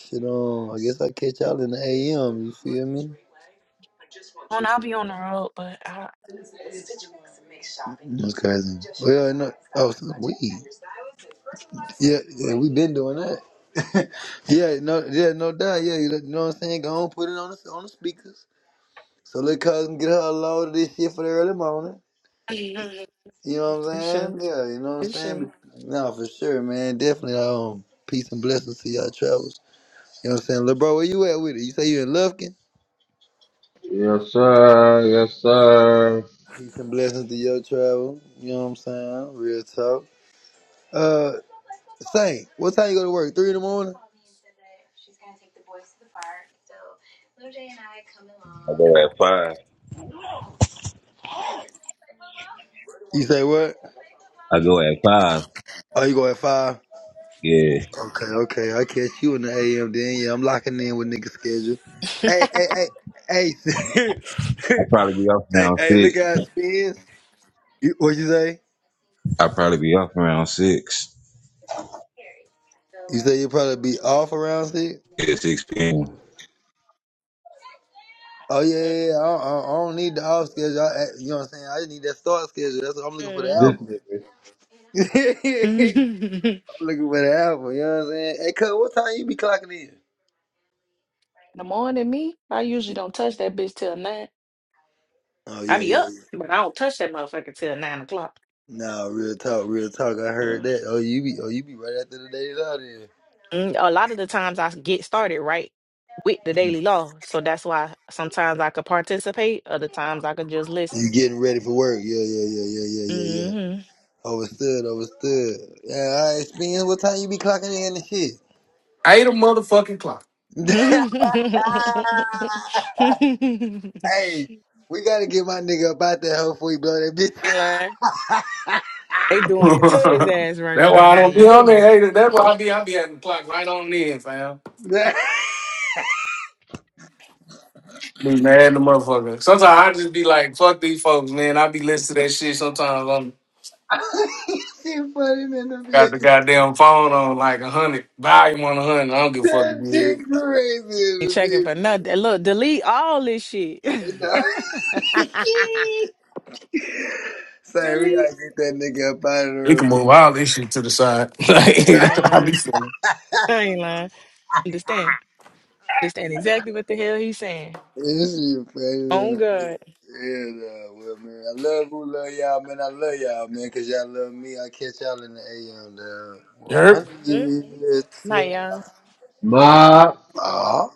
S1: Shit, um, I guess I catch y'all in the AM. You feel me?
S5: Well, I'll be on the road, but I.
S1: That's crazy. Well, no, oh, some weed. Yeah, yeah, we been doing that. yeah, no, yeah, no doubt. Yeah, you know what I'm saying. Go on, put it on the on the speakers. So let cousin get her a load of this shit for the early morning. You know what I'm
S5: For sure,
S1: saying? Yeah, you know what I'm
S5: for sure.
S1: saying. No, for sure, man. Definitely. Um, peace and blessings to y'all travels. You know what I'm saying, little bro. Where you at with it? You say you in Lufkin.
S2: Yes, sir. Yes, sir.
S1: Peace and blessings to your travel. You know what I'm saying? Real talk. Uh, Saint, what time you go to work? Three in the morning.
S4: I go at five.
S1: You say what?
S4: I go at five.
S1: Oh, you go at five.
S4: Yeah.
S1: Okay, okay. I catch you in the AM then. Yeah, I'm locking in with nigga schedule. Hey, hey, hey, hey,
S4: I'll probably be off
S1: hey,
S4: around
S1: hey, look
S4: six.
S1: how it spins. You, what you say?
S4: I'll probably be off around six.
S1: You say you probably be off around six?
S4: Yeah, six p.m.
S1: Oh yeah, yeah, yeah. I, don't, I don't I don't need the off schedule. I, I- you know what I'm saying? I just need that start schedule. That's what I'm looking for the
S2: This
S5: Mhm.
S1: album.
S2: is
S5: In
S1: I'm looking for the album. You know what I'm saying? Hey, cuz, what time you be clocking in?
S5: the morning, me, I usually don't touch that bitch till nine.
S1: Oh
S5: I
S1: yeah,
S5: be
S1: yeah,
S5: up,
S1: yeah.
S5: but I don't touch that motherfucker till nine o'clock.
S1: Nah, real talk, real talk. I heard
S5: Mm.
S1: that. Oh, you be, oh, you be right after the day is out then.
S5: Mm, A lot of the times I get started right with the daily law, so that's why sometimes I could participate, other times I could just
S1: You
S5: listen.
S1: getting ready for work? Yeah, yeah, yeah, yeah, yeah, yeah, yeah.
S5: hmm
S1: Overstood, overstood. Yeah, all right, Spence, what time you be clocking in and shit?
S3: Eight a motherfucking clock.
S5: I
S1: hey, we gotta get my nigga up out there before blow that bitch.
S5: ain't lying. They doing it to his ass right
S3: That's why
S5: about
S3: I
S5: now.
S3: don't be
S5: You hear
S3: on there,
S5: me?
S3: haters. That's why I be I be at the clock right on in, fam. Be mad at the motherfucker. Sometimes I just be like, fuck these folks, man. I be listening to that shit sometimes on
S1: she funny in the
S3: got the
S1: bitch.
S3: goddamn phone on like a hundred, volume on a hundred. I don't give a fuck
S1: That
S3: if you hear
S1: shit
S3: it.
S1: crazy in
S5: Ain't
S1: the
S5: checking
S1: bitch.
S5: for nothing. Look, delete all this shit.
S1: No. Say, we
S5: delete.
S1: gotta get that nigga up out of
S3: We can move all
S1: there,
S3: this shit to the side. Like
S5: I
S1: man.
S3: that's
S5: ain't
S3: how I be
S5: lying.
S3: feeling.
S5: I ain't lying. Understand? Understand exactly what the hell he's saying.
S1: This is playing in
S5: Oh
S1: the bit.
S5: God.
S1: Yeah, nah, well, man. I love who love y'all, man. I love y'all, man, because y'all love me. I catch y'all in the AM, dog.
S3: Yep.
S5: Huh? Nah, y'all.
S1: 100
S2: my
S1: years.